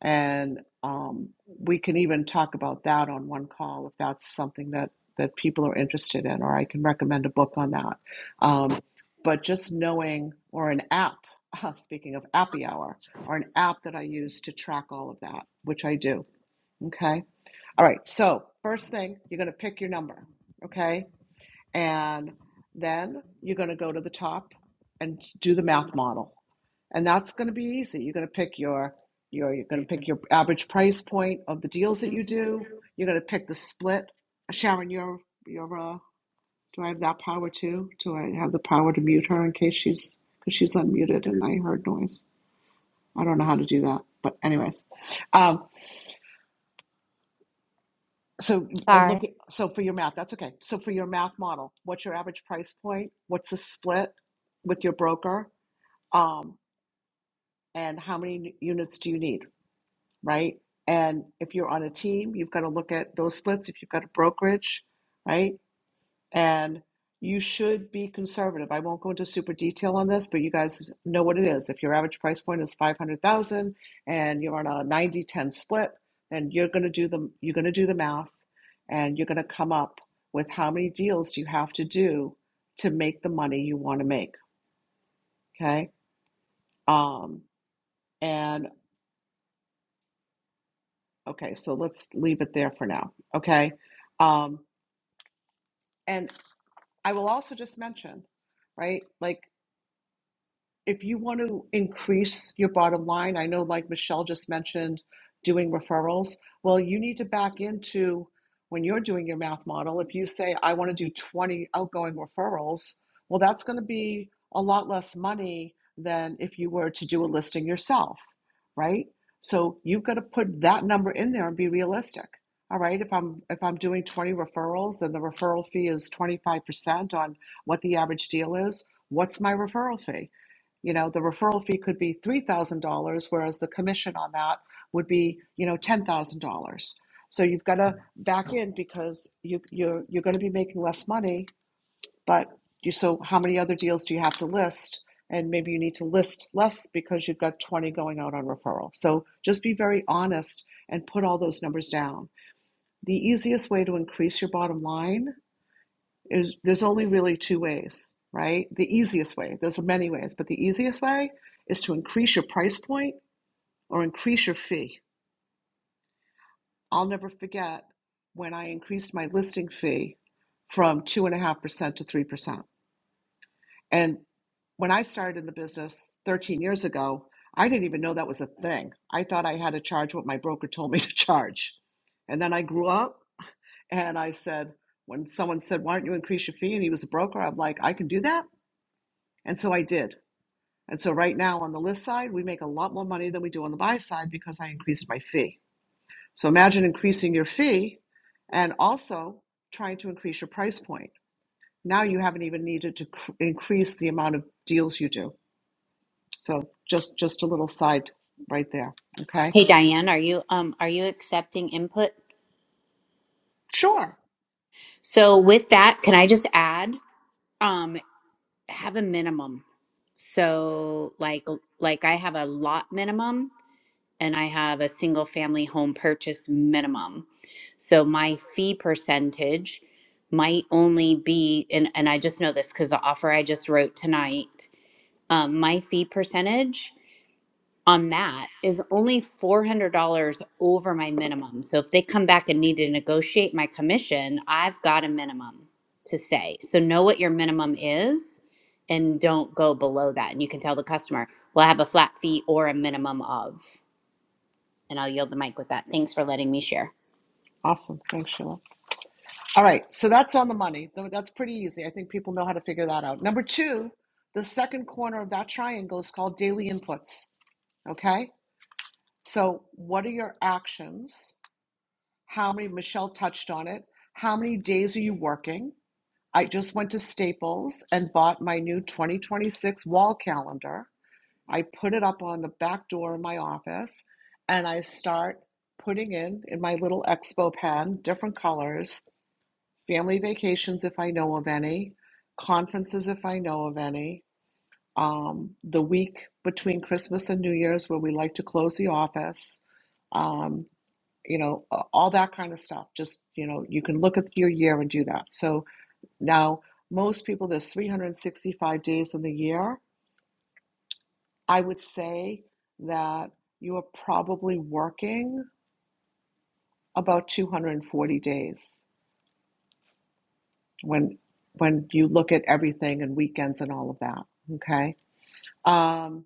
Speaker 2: and um, we can even talk about that on one call if that's something that that people are interested in or i can recommend a book on that um, but just knowing or an app uh, speaking of appy hour or an app that i use to track all of that which i do okay all right so first thing you're going to pick your number okay and then you're going to go to the top and do the math model and that's going to be easy. You're going to pick your your you're going to pick your average price point of the deals that you do. You're going to pick the split. Sharon, your your uh, do I have that power too? Do I have the power to mute her in case she's because she's unmuted and I heard noise. I don't know how to do that, but anyways, um, so uh, look. at- So for your math, that's okay. So for your math model, what's your average price point? What's the split with your broker? Um, and how many units do you need? right? And if you're on a team, you've got to look at those splits. If you've got a brokerage, right? And you should be conservative. I won't go into super detail on this, but you guys know what it is. If your average price point is 500,000 and you're on a ninety ten split, then you're going to do the you're going to do the math and you're going to come up with how many deals do you have to do to make the money you want to make, okay? Um and okay, so let's leave it there for now, okay? Um And I will also just mention, right? Like if you want to increase your bottom line, I know like Michelle just mentioned doing referrals. Well, you need to back into when you're doing your math model, if you say, I want to do 20 outgoing referrals, well, that's going to be a lot less money than if you were to do a listing yourself, right? So you've got to put that number in there and be realistic. All right, if I'm if I'm doing 20 referrals and the referral fee is 25% on what the average deal is, what's my referral fee? You know, the referral fee could be $3,000, whereas the commission on that would be, you know, $10,000. So you've got to back in because you, you're, you're going to be making less money, but you, so how many other deals do you have to list? And maybe you need to list less because you've got 20 going out on referral. So just be very honest and put all those numbers down. The easiest way to increase your bottom line is there's only really two ways, right? The easiest way, there's many ways, but the easiest way is to increase your price point or increase your fee. I'll never forget when I increased my listing fee from 2.5% to 3%. And when I started in the business 13 years ago, I didn't even know that was a thing. I thought I had to charge what my broker told me to charge. And then I grew up and I said, when someone said, Why don't you increase your fee? And he was a broker, I'm like, I can do that. And so I did. And so right now on the list side, we make a lot more money than we do on the buy side because I increased my fee. So imagine increasing your fee and also trying to increase your price point. Now you haven't even needed to cr- increase the amount of deals you do. So just just a little side right there. Okay.
Speaker 8: Hey Diane, are you um are you accepting input?
Speaker 2: Sure.
Speaker 8: So with that, can I just add um have a minimum. So like like I have a lot minimum and I have a single family home purchase minimum. So my fee percentage might only be and and I just know this cuz the offer I just wrote tonight, um my fee percentage on that is only $400 over my minimum. So if they come back and need to negotiate my commission, I've got a minimum to say. So know what your minimum is and don't go below that. And you can tell the customer, well, I have a flat fee or a minimum of. And I'll yield the mic with that. Thanks for letting me share.
Speaker 2: Awesome. Thanks, Sheila. All right. So that's on the money. Th- That's pretty easy. I think people know how to figure that out. Number two, the second corner of that triangle is called daily inputs. Okay. So, what are your actions? How many, Michelle touched on it. How many days are you working? I just went to Staples and bought my new 2026 wall calendar. I put it up on the back door of my office and I start putting in, in my little expo pen, different colors, family vacations if I know of any, conferences if I know of any, um, the week between Christmas and New Year's where we like to close the office. um you know, all that kind of stuff. Just, you know, you can look at your year and do that. So now, most people, there's 365 days in the year. I would say that you are probably working about 240 days when when you look at everything and weekends and all of that. Okay. Um,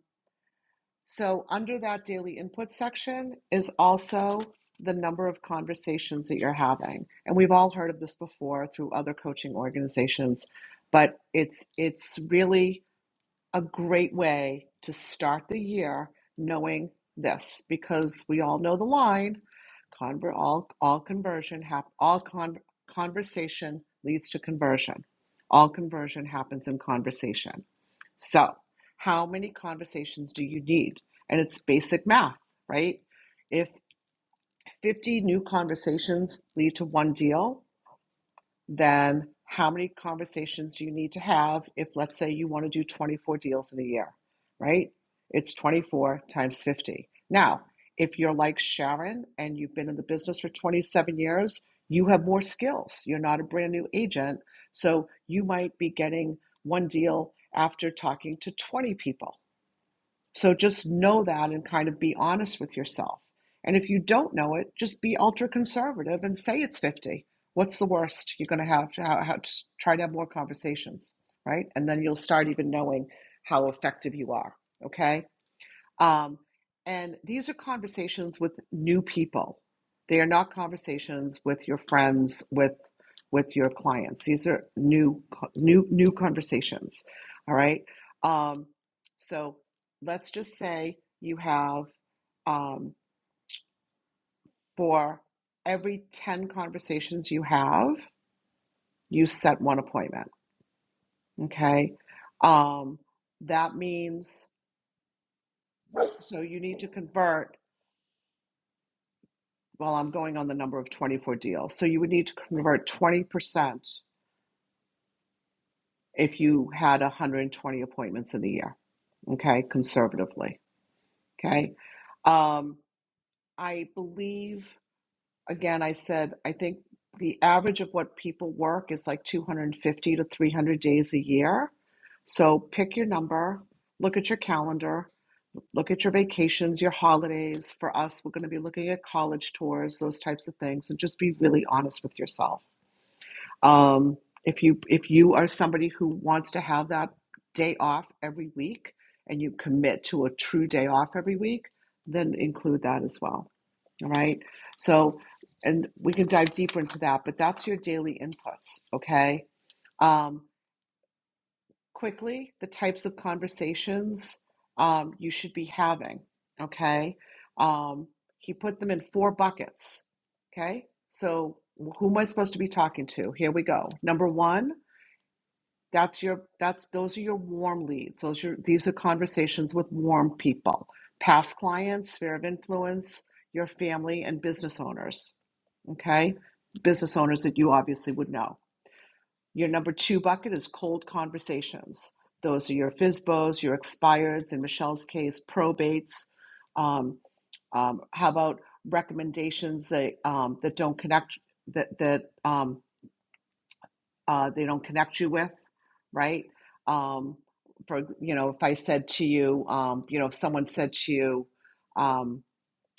Speaker 2: So, under that daily input section is also the number of conversations that you're having. And we've all heard of this before through other coaching organizations, but it's it's really a great way to start the year knowing this because we all know the line conver- all all conversion hap- all con- conversation leads to conversion. All conversion happens in conversation. So, how many conversations do you need? And it's basic math, right? If 50 new conversations lead to one deal, then how many conversations do you need to have if, let's say, you want to do 24 deals in a year, right? It's 24 times 50. Now, if you're like Sharon and you've been in the business for 27 years, you have more skills. You're not a brand new agent. So you might be getting one deal after talking to 20 people so just know that and kind of be honest with yourself. And if you don't know it, just be ultra conservative and say it's 50. What's the worst you're going to have to how, how, just try to have more conversations, right? And then you'll start even knowing how effective you are. Okay. Um, and these are conversations with new people. They are not conversations with your friends, with with your clients. These are new new new conversations. All right. Um, so let's just say you have um, for every ten conversations you have, you set one appointment. Okay. Um, that means so you need to convert well, I'm going on the number of 24 deals. So you would need to convert 20% if you had 120 appointments in the year, okay, conservatively, okay? Um, I believe, again, I said, I think the average of what people work is like 250 to 300 days a year. So pick your number, look at your calendar, look at your vacations, your holidays. For us, we're going to be looking at college tours, those types of things, and just be really honest with yourself Um, if you if you are somebody who wants to have that day off every week and you commit to a true day off every week, then include that as well. All right. So, and we can dive deeper into that, but that's your daily inputs. Okay. Um, quickly, the types of conversations um, you should be having. Okay. Um, he put them in four buckets. Okay. So, who am I supposed to be talking to? Here we go. Number one that's your that's those are your warm leads. Those are these are conversations with warm people, past clients, sphere of influence, your family, and business owners. Okay? Business owners that you obviously would know. Your number two bucket is cold conversations. Those are your FISBOs, your expireds, in Michelle's case, probates. Um, um, how about recommendations that um, that don't connect that that um, uh, they don't connect you with, right? Um, for you know, if I said to you, um, you know, if someone said to you, um,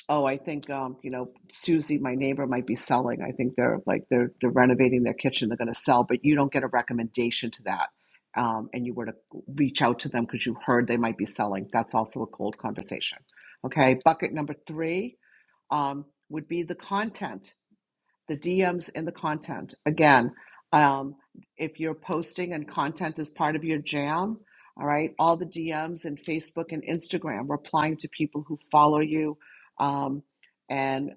Speaker 2: "Oh, I think um, you know Susie, my neighbor, might be selling. I think they're like they're they're renovating their kitchen. They're going to sell," but you don't get a recommendation to that, um, and you were to reach out to them because you heard they might be selling. That's also a cold conversation. Okay, bucket number three um, would be the content the DMs and the content. Again, um, if you're posting and content is part of your jam, all right, all the DMs and Facebook and Instagram, replying to people who follow you. Um, and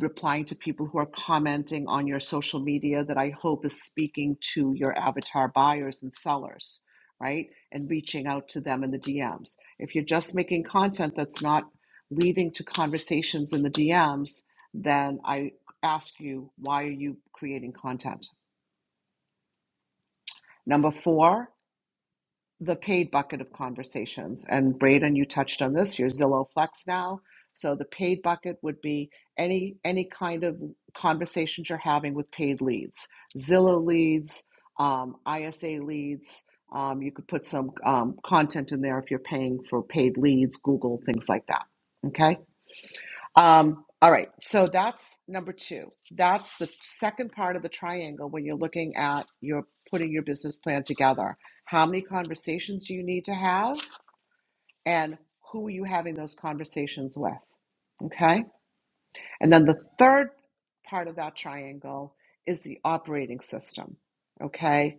Speaker 2: replying to people who are commenting on your social media that I hope is speaking to your avatar buyers and sellers, right? And reaching out to them in the DMs. If you're just making content that's not leading to conversations in the DMs, then I ask you, why are you creating content? Number four, the paid bucket of conversations. And Braden, you touched on this. You're Zillow Flex now. So the paid bucket would be any any kind of conversations you're having with paid leads, Zillow leads, um, ISA leads. Um, you could put some um, content in there if you're paying for paid leads, Google, things like that. Okay. Um, all right, so that's number two. That's the second part of the triangle when you're looking at your putting your business plan together. How many conversations do you need to have, and who are you having those conversations with? Okay, and then the third part of that triangle is the operating system. Okay,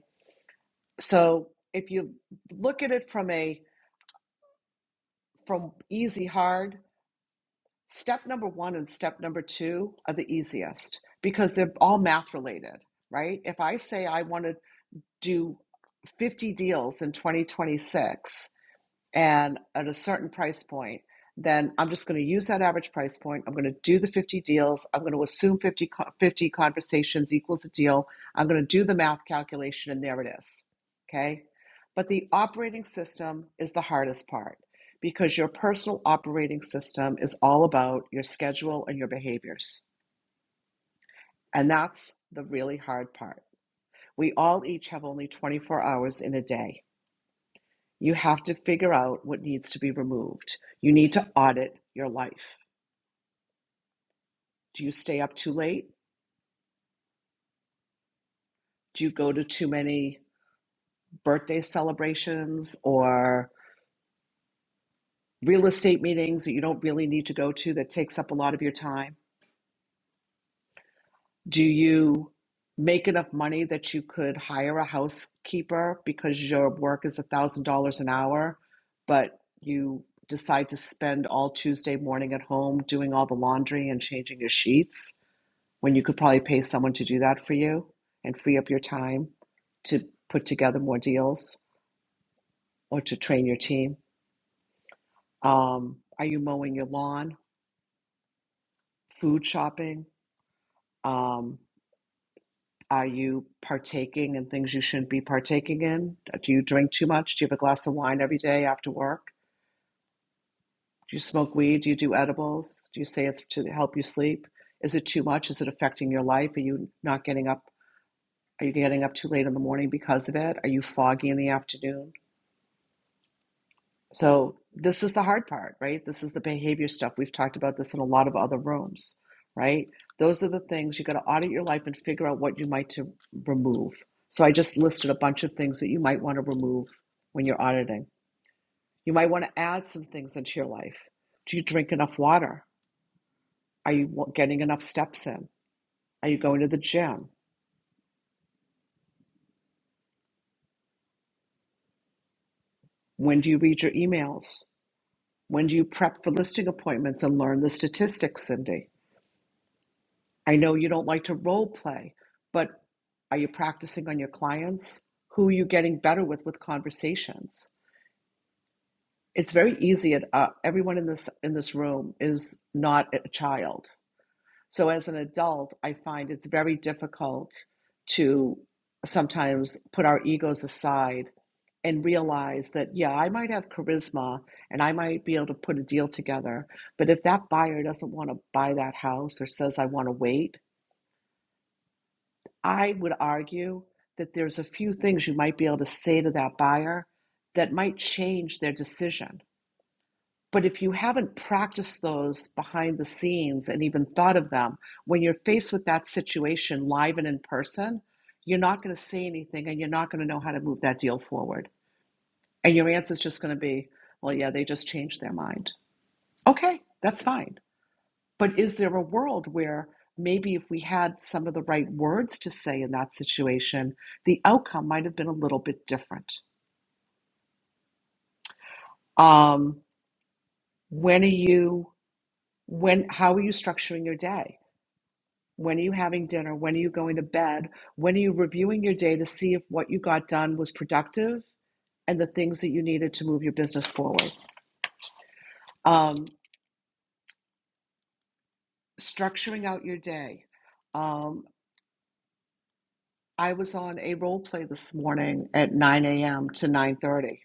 Speaker 2: so if you look at it from a from easy hard Step number one and step number two are the easiest because they're all math related, right? If I say I want to do 50 deals in 2026, and at a certain price point, then I'm just going to use that average price point. I'm going to do the 50 deals. I'm going to assume 50, 50 conversations equals a deal. I'm going to do the math calculation, and there it is. Okay. But the operating system is the hardest part because your personal operating system is all about your schedule and your behaviors. And that's the really hard part. We all each have only 24 hours in a day. You have to figure out what needs to be removed. You need to audit your life. Do you stay up too late? Do you go to too many birthday celebrations or real estate meetings that you don't really need to go to that takes up a lot of your time? Do you make enough money that you could hire a housekeeper because your work is $1,000 an hour, but you decide to spend all Tuesday morning at home doing all the laundry and changing your sheets? when you could probably pay someone to do that for you and free up your time to put together more deals or to train your team? Um, are you mowing your lawn, food shopping? Um, are you partaking in things you shouldn't be partaking in? Do you drink too much? Do you have a glass of wine every day after work? Do you smoke weed? Do you do edibles? Do you say it's to help you sleep? Is it too much? Is it affecting your life? Are you not getting up? Are you getting up too late in the morning because of it? Are you foggy in the afternoon? So this is the hard part, right? This is the behavior stuff. We've talked about this in a lot of other rooms, right? Those are the things you got to audit your life and figure out what you might to remove. So I just listed a bunch of things that you might want to remove when you're auditing. You might want to add some things into your life. Do you drink enough water? Are you getting enough steps in? Are you going to the gym? When do you read your emails? When do you prep for listing appointments and learn the statistics, Cindy? I know you don't like to role play, but are you practicing on your clients? Who are you getting better with with conversations? It's very easy. At, uh, everyone in this in this room is not a child. So as an adult, I find it's very difficult to sometimes put our egos aside and realize that yeah, I might have charisma and I might be able to put a deal together, but if that buyer doesn't want to buy that house or says I want to wait, I would argue that there's a few things you might be able to say to that buyer that might change their decision. But if you haven't practiced those behind the scenes and even thought of them, when you're faced with that situation live and in person, you're not going to say anything and you're not going to know how to move that deal forward. And your answer is just going to be, well, yeah, they just changed their mind. Okay, that's fine. But is there a world where maybe if we had some of the right words to say in that situation, the outcome might have been a little bit different? Um, when are you, when, how are you structuring your day? When are you having dinner? When are you going to bed? When are you reviewing your day to see if what you got done was productive and the things that you needed to move your business forward? Um, structuring out your day. Um, I was on a role play this morning at 9 a.m. to 9:30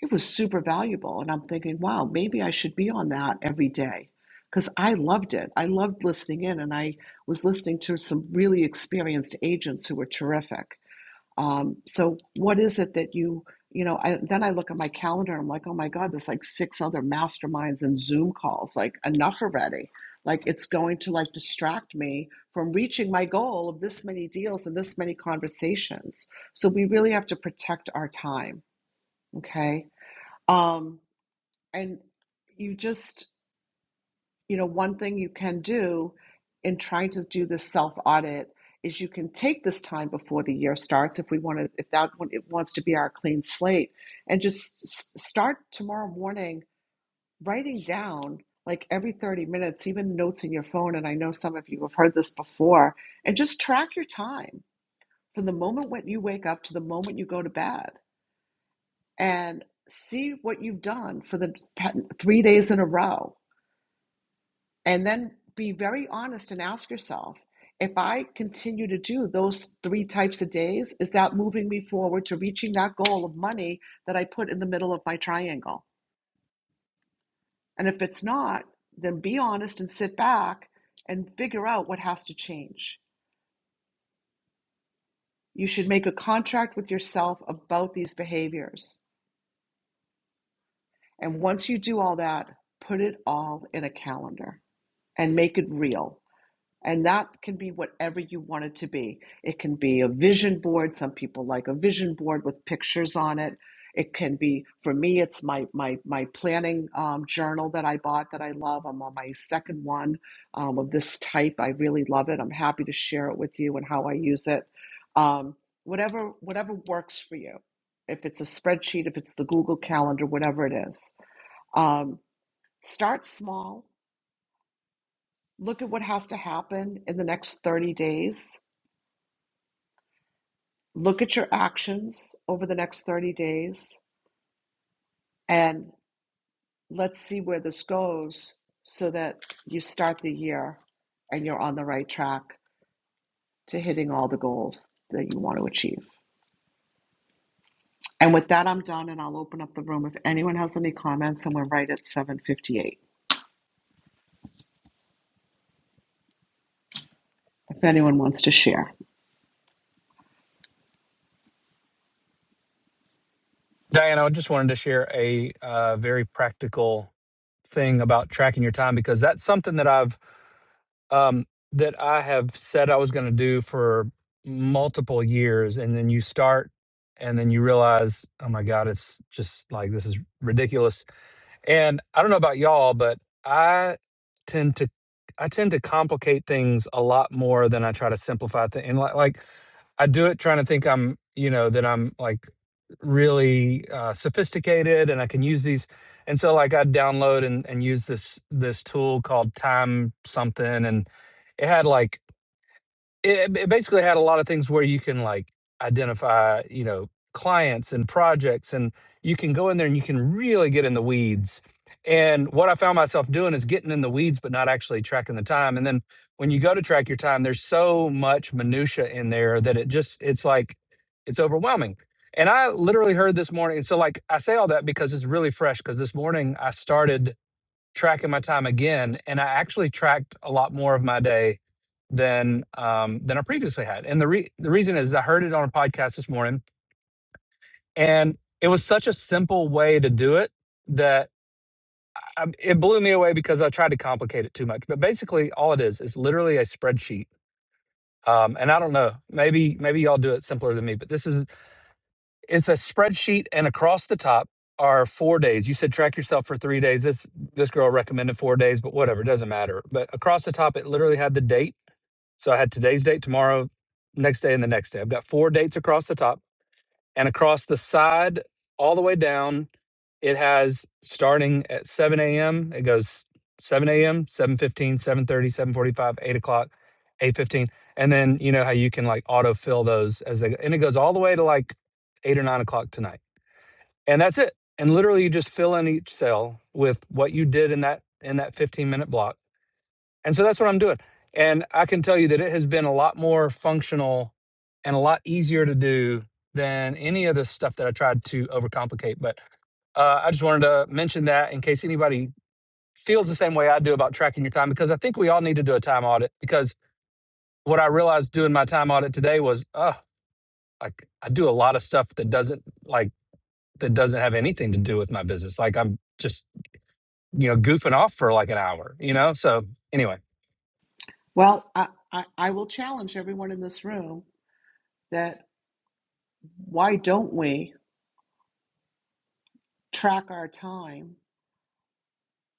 Speaker 2: It was super valuable. And I'm thinking, wow, maybe I should be on that every day because I loved it. I loved listening in, and I was listening to some really experienced agents who were terrific. Um, so, what is it that you, you know, I, then I look at my calendar, I'm like, oh my God, there's like six other masterminds and Zoom calls, like, enough already. Like, it's going to like distract me from reaching my goal of this many deals and this many conversations. So, we really have to protect our time. Okay um, and you just, you know, one thing you can do in trying to do this self audit is you can take this time before the year starts if we want to, if that one- it wants to be our clean slate, and just s- start tomorrow morning writing down like every 30 minutes, even notes in your phone. And I know some of you have heard this before, and just track your time from the moment when you wake up to the moment you go to bed and see what you've done for the pa- three days in a row And then be very honest and ask yourself if I continue to do those three types of days, is that moving me forward to reaching that goal of money that I put in the middle of my triangle? And if it's not, then be honest and sit back and figure out what has to change. You should make a contract with yourself about these behaviors. And once you do all that, put it all in a calendar and make it real And that can be whatever you want it to be. It can be a vision board. Some people like a vision board with pictures on it. It can be, for me, it's my my my planning um, journal that I bought that I love. I'm on my second one um, of this type. I really love it. I'm happy to share it with you and how I use it. Um, whatever whatever works for you. If it's a spreadsheet, if it's the Google Calendar, whatever it is, um, start small. Look at what has to happen in the next 30 days Look at your actions over the next 30 days and let's see where this goes so that you start the year and you're on the right track to hitting all the goals that you want to achieve. And with that, I'm done and I'll open up the room if anyone has any comments and we're right at 758 if anyone wants to share.
Speaker 9: Diana, I just wanted to share a uh, very practical thing about tracking your time because that's something that I've um, that I have said I was going to do for multiple years, and then you start, and then you realize, oh my God, it's just like this is ridiculous. And I don't know about y'all, but I tend to I tend to complicate things a lot more than I try to simplify things. And like, like I do it trying to think I'm, you know, that I'm like really uh, sophisticated and I can use these. And so like I'd download and, and use this this tool called Time something and it had like it, it basically had a lot of things where you can like identify you know clients and projects and you can go in there and you can really get in the weeds and what i found myself doing is getting in the weeds but not actually tracking the time and then when you go to track your time there's so much minutia in there that it just it's like it's overwhelming and i literally heard this morning and so like i say all that because it's really fresh because this morning i started tracking my time again, and I actually tracked a lot more of my day than um, than I previously had. And the re- the reason is I heard it on a podcast this morning, and it was such a simple way to do it that I, it blew me away because I tried to complicate it too much. But basically, all it is is literally a spreadsheet. Um, and I don't know, maybe maybe y'all do it simpler than me, but this is It's a spreadsheet, and across the top are four days. You said track yourself for three days. This this girl recommended four days, but whatever, it doesn't matter. But across the top, it literally had the date. So I had today's date, tomorrow, next day, and the next day. I've got four dates across the top and across the side all the way down it has starting at 7 a.m it goes 7 a.m 7.15 7.30 7.45 8 o'clock 8.15 and then you know how you can like autofill those as they go and it goes all the way to like 8 or 9 o'clock tonight and that's it and literally you just fill in each cell with what you did in that in that 15 minute block and so that's what I'm doing. And I can tell you that it has been a lot more functional and a lot easier to do than any of the stuff that I tried to overcomplicate. But uh, I just wanted to mention that in case anybody feels the same way I do about tracking your time, because I think we all need to do a time audit. Because what I realized doing my time audit today was, oh, like I do a lot of stuff that doesn't like that doesn't have anything to do with my business. Like I'm just you know goofing off for like an hour, you know. So anyway,
Speaker 2: Well, I, I, I will challenge everyone in this room that why don't we track our time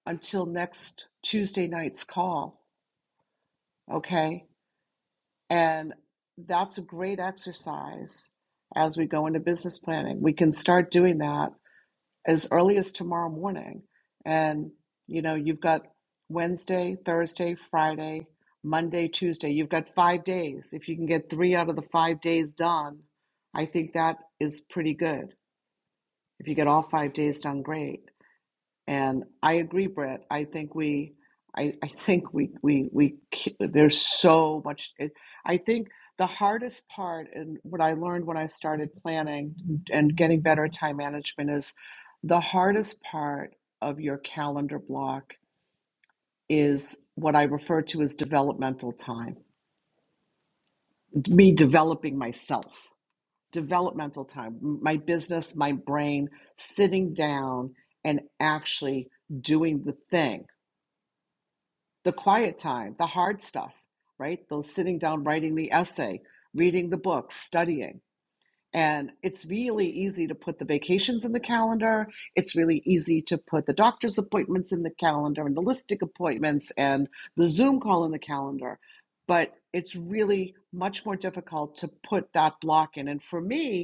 Speaker 2: until next Tuesday night's call? Okay. And that's a great exercise as we go into business planning. We can start doing that as early as tomorrow morning. And, you know, you've got Wednesday, Thursday, Friday, Monday, Tuesday. You've got five days. If you can get three out of the five days done, I think that is pretty good. If you get all five days done, great. And I agree, Brett. I think we, I, I think we, we, we, there's so much. It, I think the hardest part and what I learned when I started planning and getting better at time management is the hardest part of your calendar block is what I refer to as developmental time, me developing myself, developmental time, my business, my brain, sitting down and actually doing the thing the quiet time, the hard stuff, right? The sitting down, writing the essay, reading the books, studying. And it's really easy to put the vacations in the calendar. It's really easy to put the doctor's appointments in the calendar and the listing appointments and the Zoom call in the calendar. But it's really much more difficult to put that block in. And for me,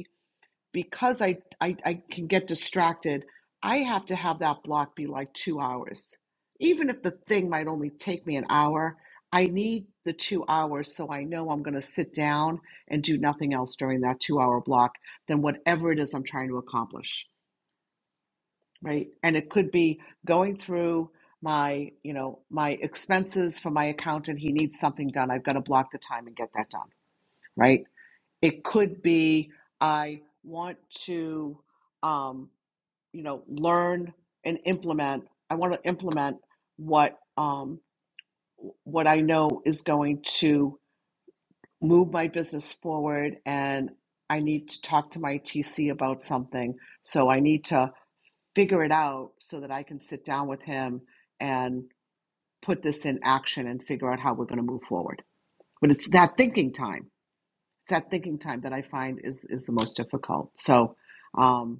Speaker 2: because I, I I can get distracted, I have to have that block be like two hours. Even if the thing might only take me an hour, I need the two hours so I know I'm going to sit down and do nothing else during that two hour block than whatever it is I'm trying to accomplish, right? And it could be going through my, you know, my expenses for my accountant. He needs something done. I've got to block the time and get that done, right? It could be I want to, um, you know learn and implement i want to implement what um what i know is going to move my business forward and i need to talk to my tc about something so i need to figure it out so that i can sit down with him and put this in action and figure out how we're going to move forward but it's that thinking time it's that thinking time that i find is is the most difficult so um,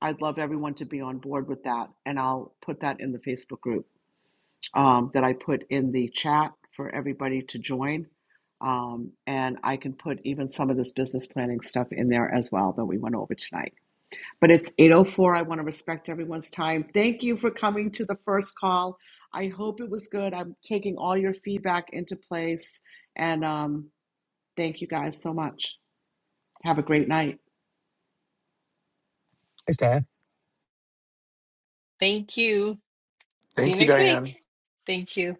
Speaker 2: I'd love everyone to be on board with that, and I'll put that in the Facebook group um, that I put in the chat for everybody to join. Um, and I can put even some of this business planning stuff in there as well that we went over tonight. But it's 8:04. I want to respect everyone's time. Thank you for coming to the first call. I hope it was good. I'm taking all your feedback into place, and um, thank you guys so much. Have a great night.
Speaker 9: thanks, Diane.
Speaker 5: Thank you. See you
Speaker 1: Thank you,
Speaker 5: next week.
Speaker 1: Diane.
Speaker 5: Thank you.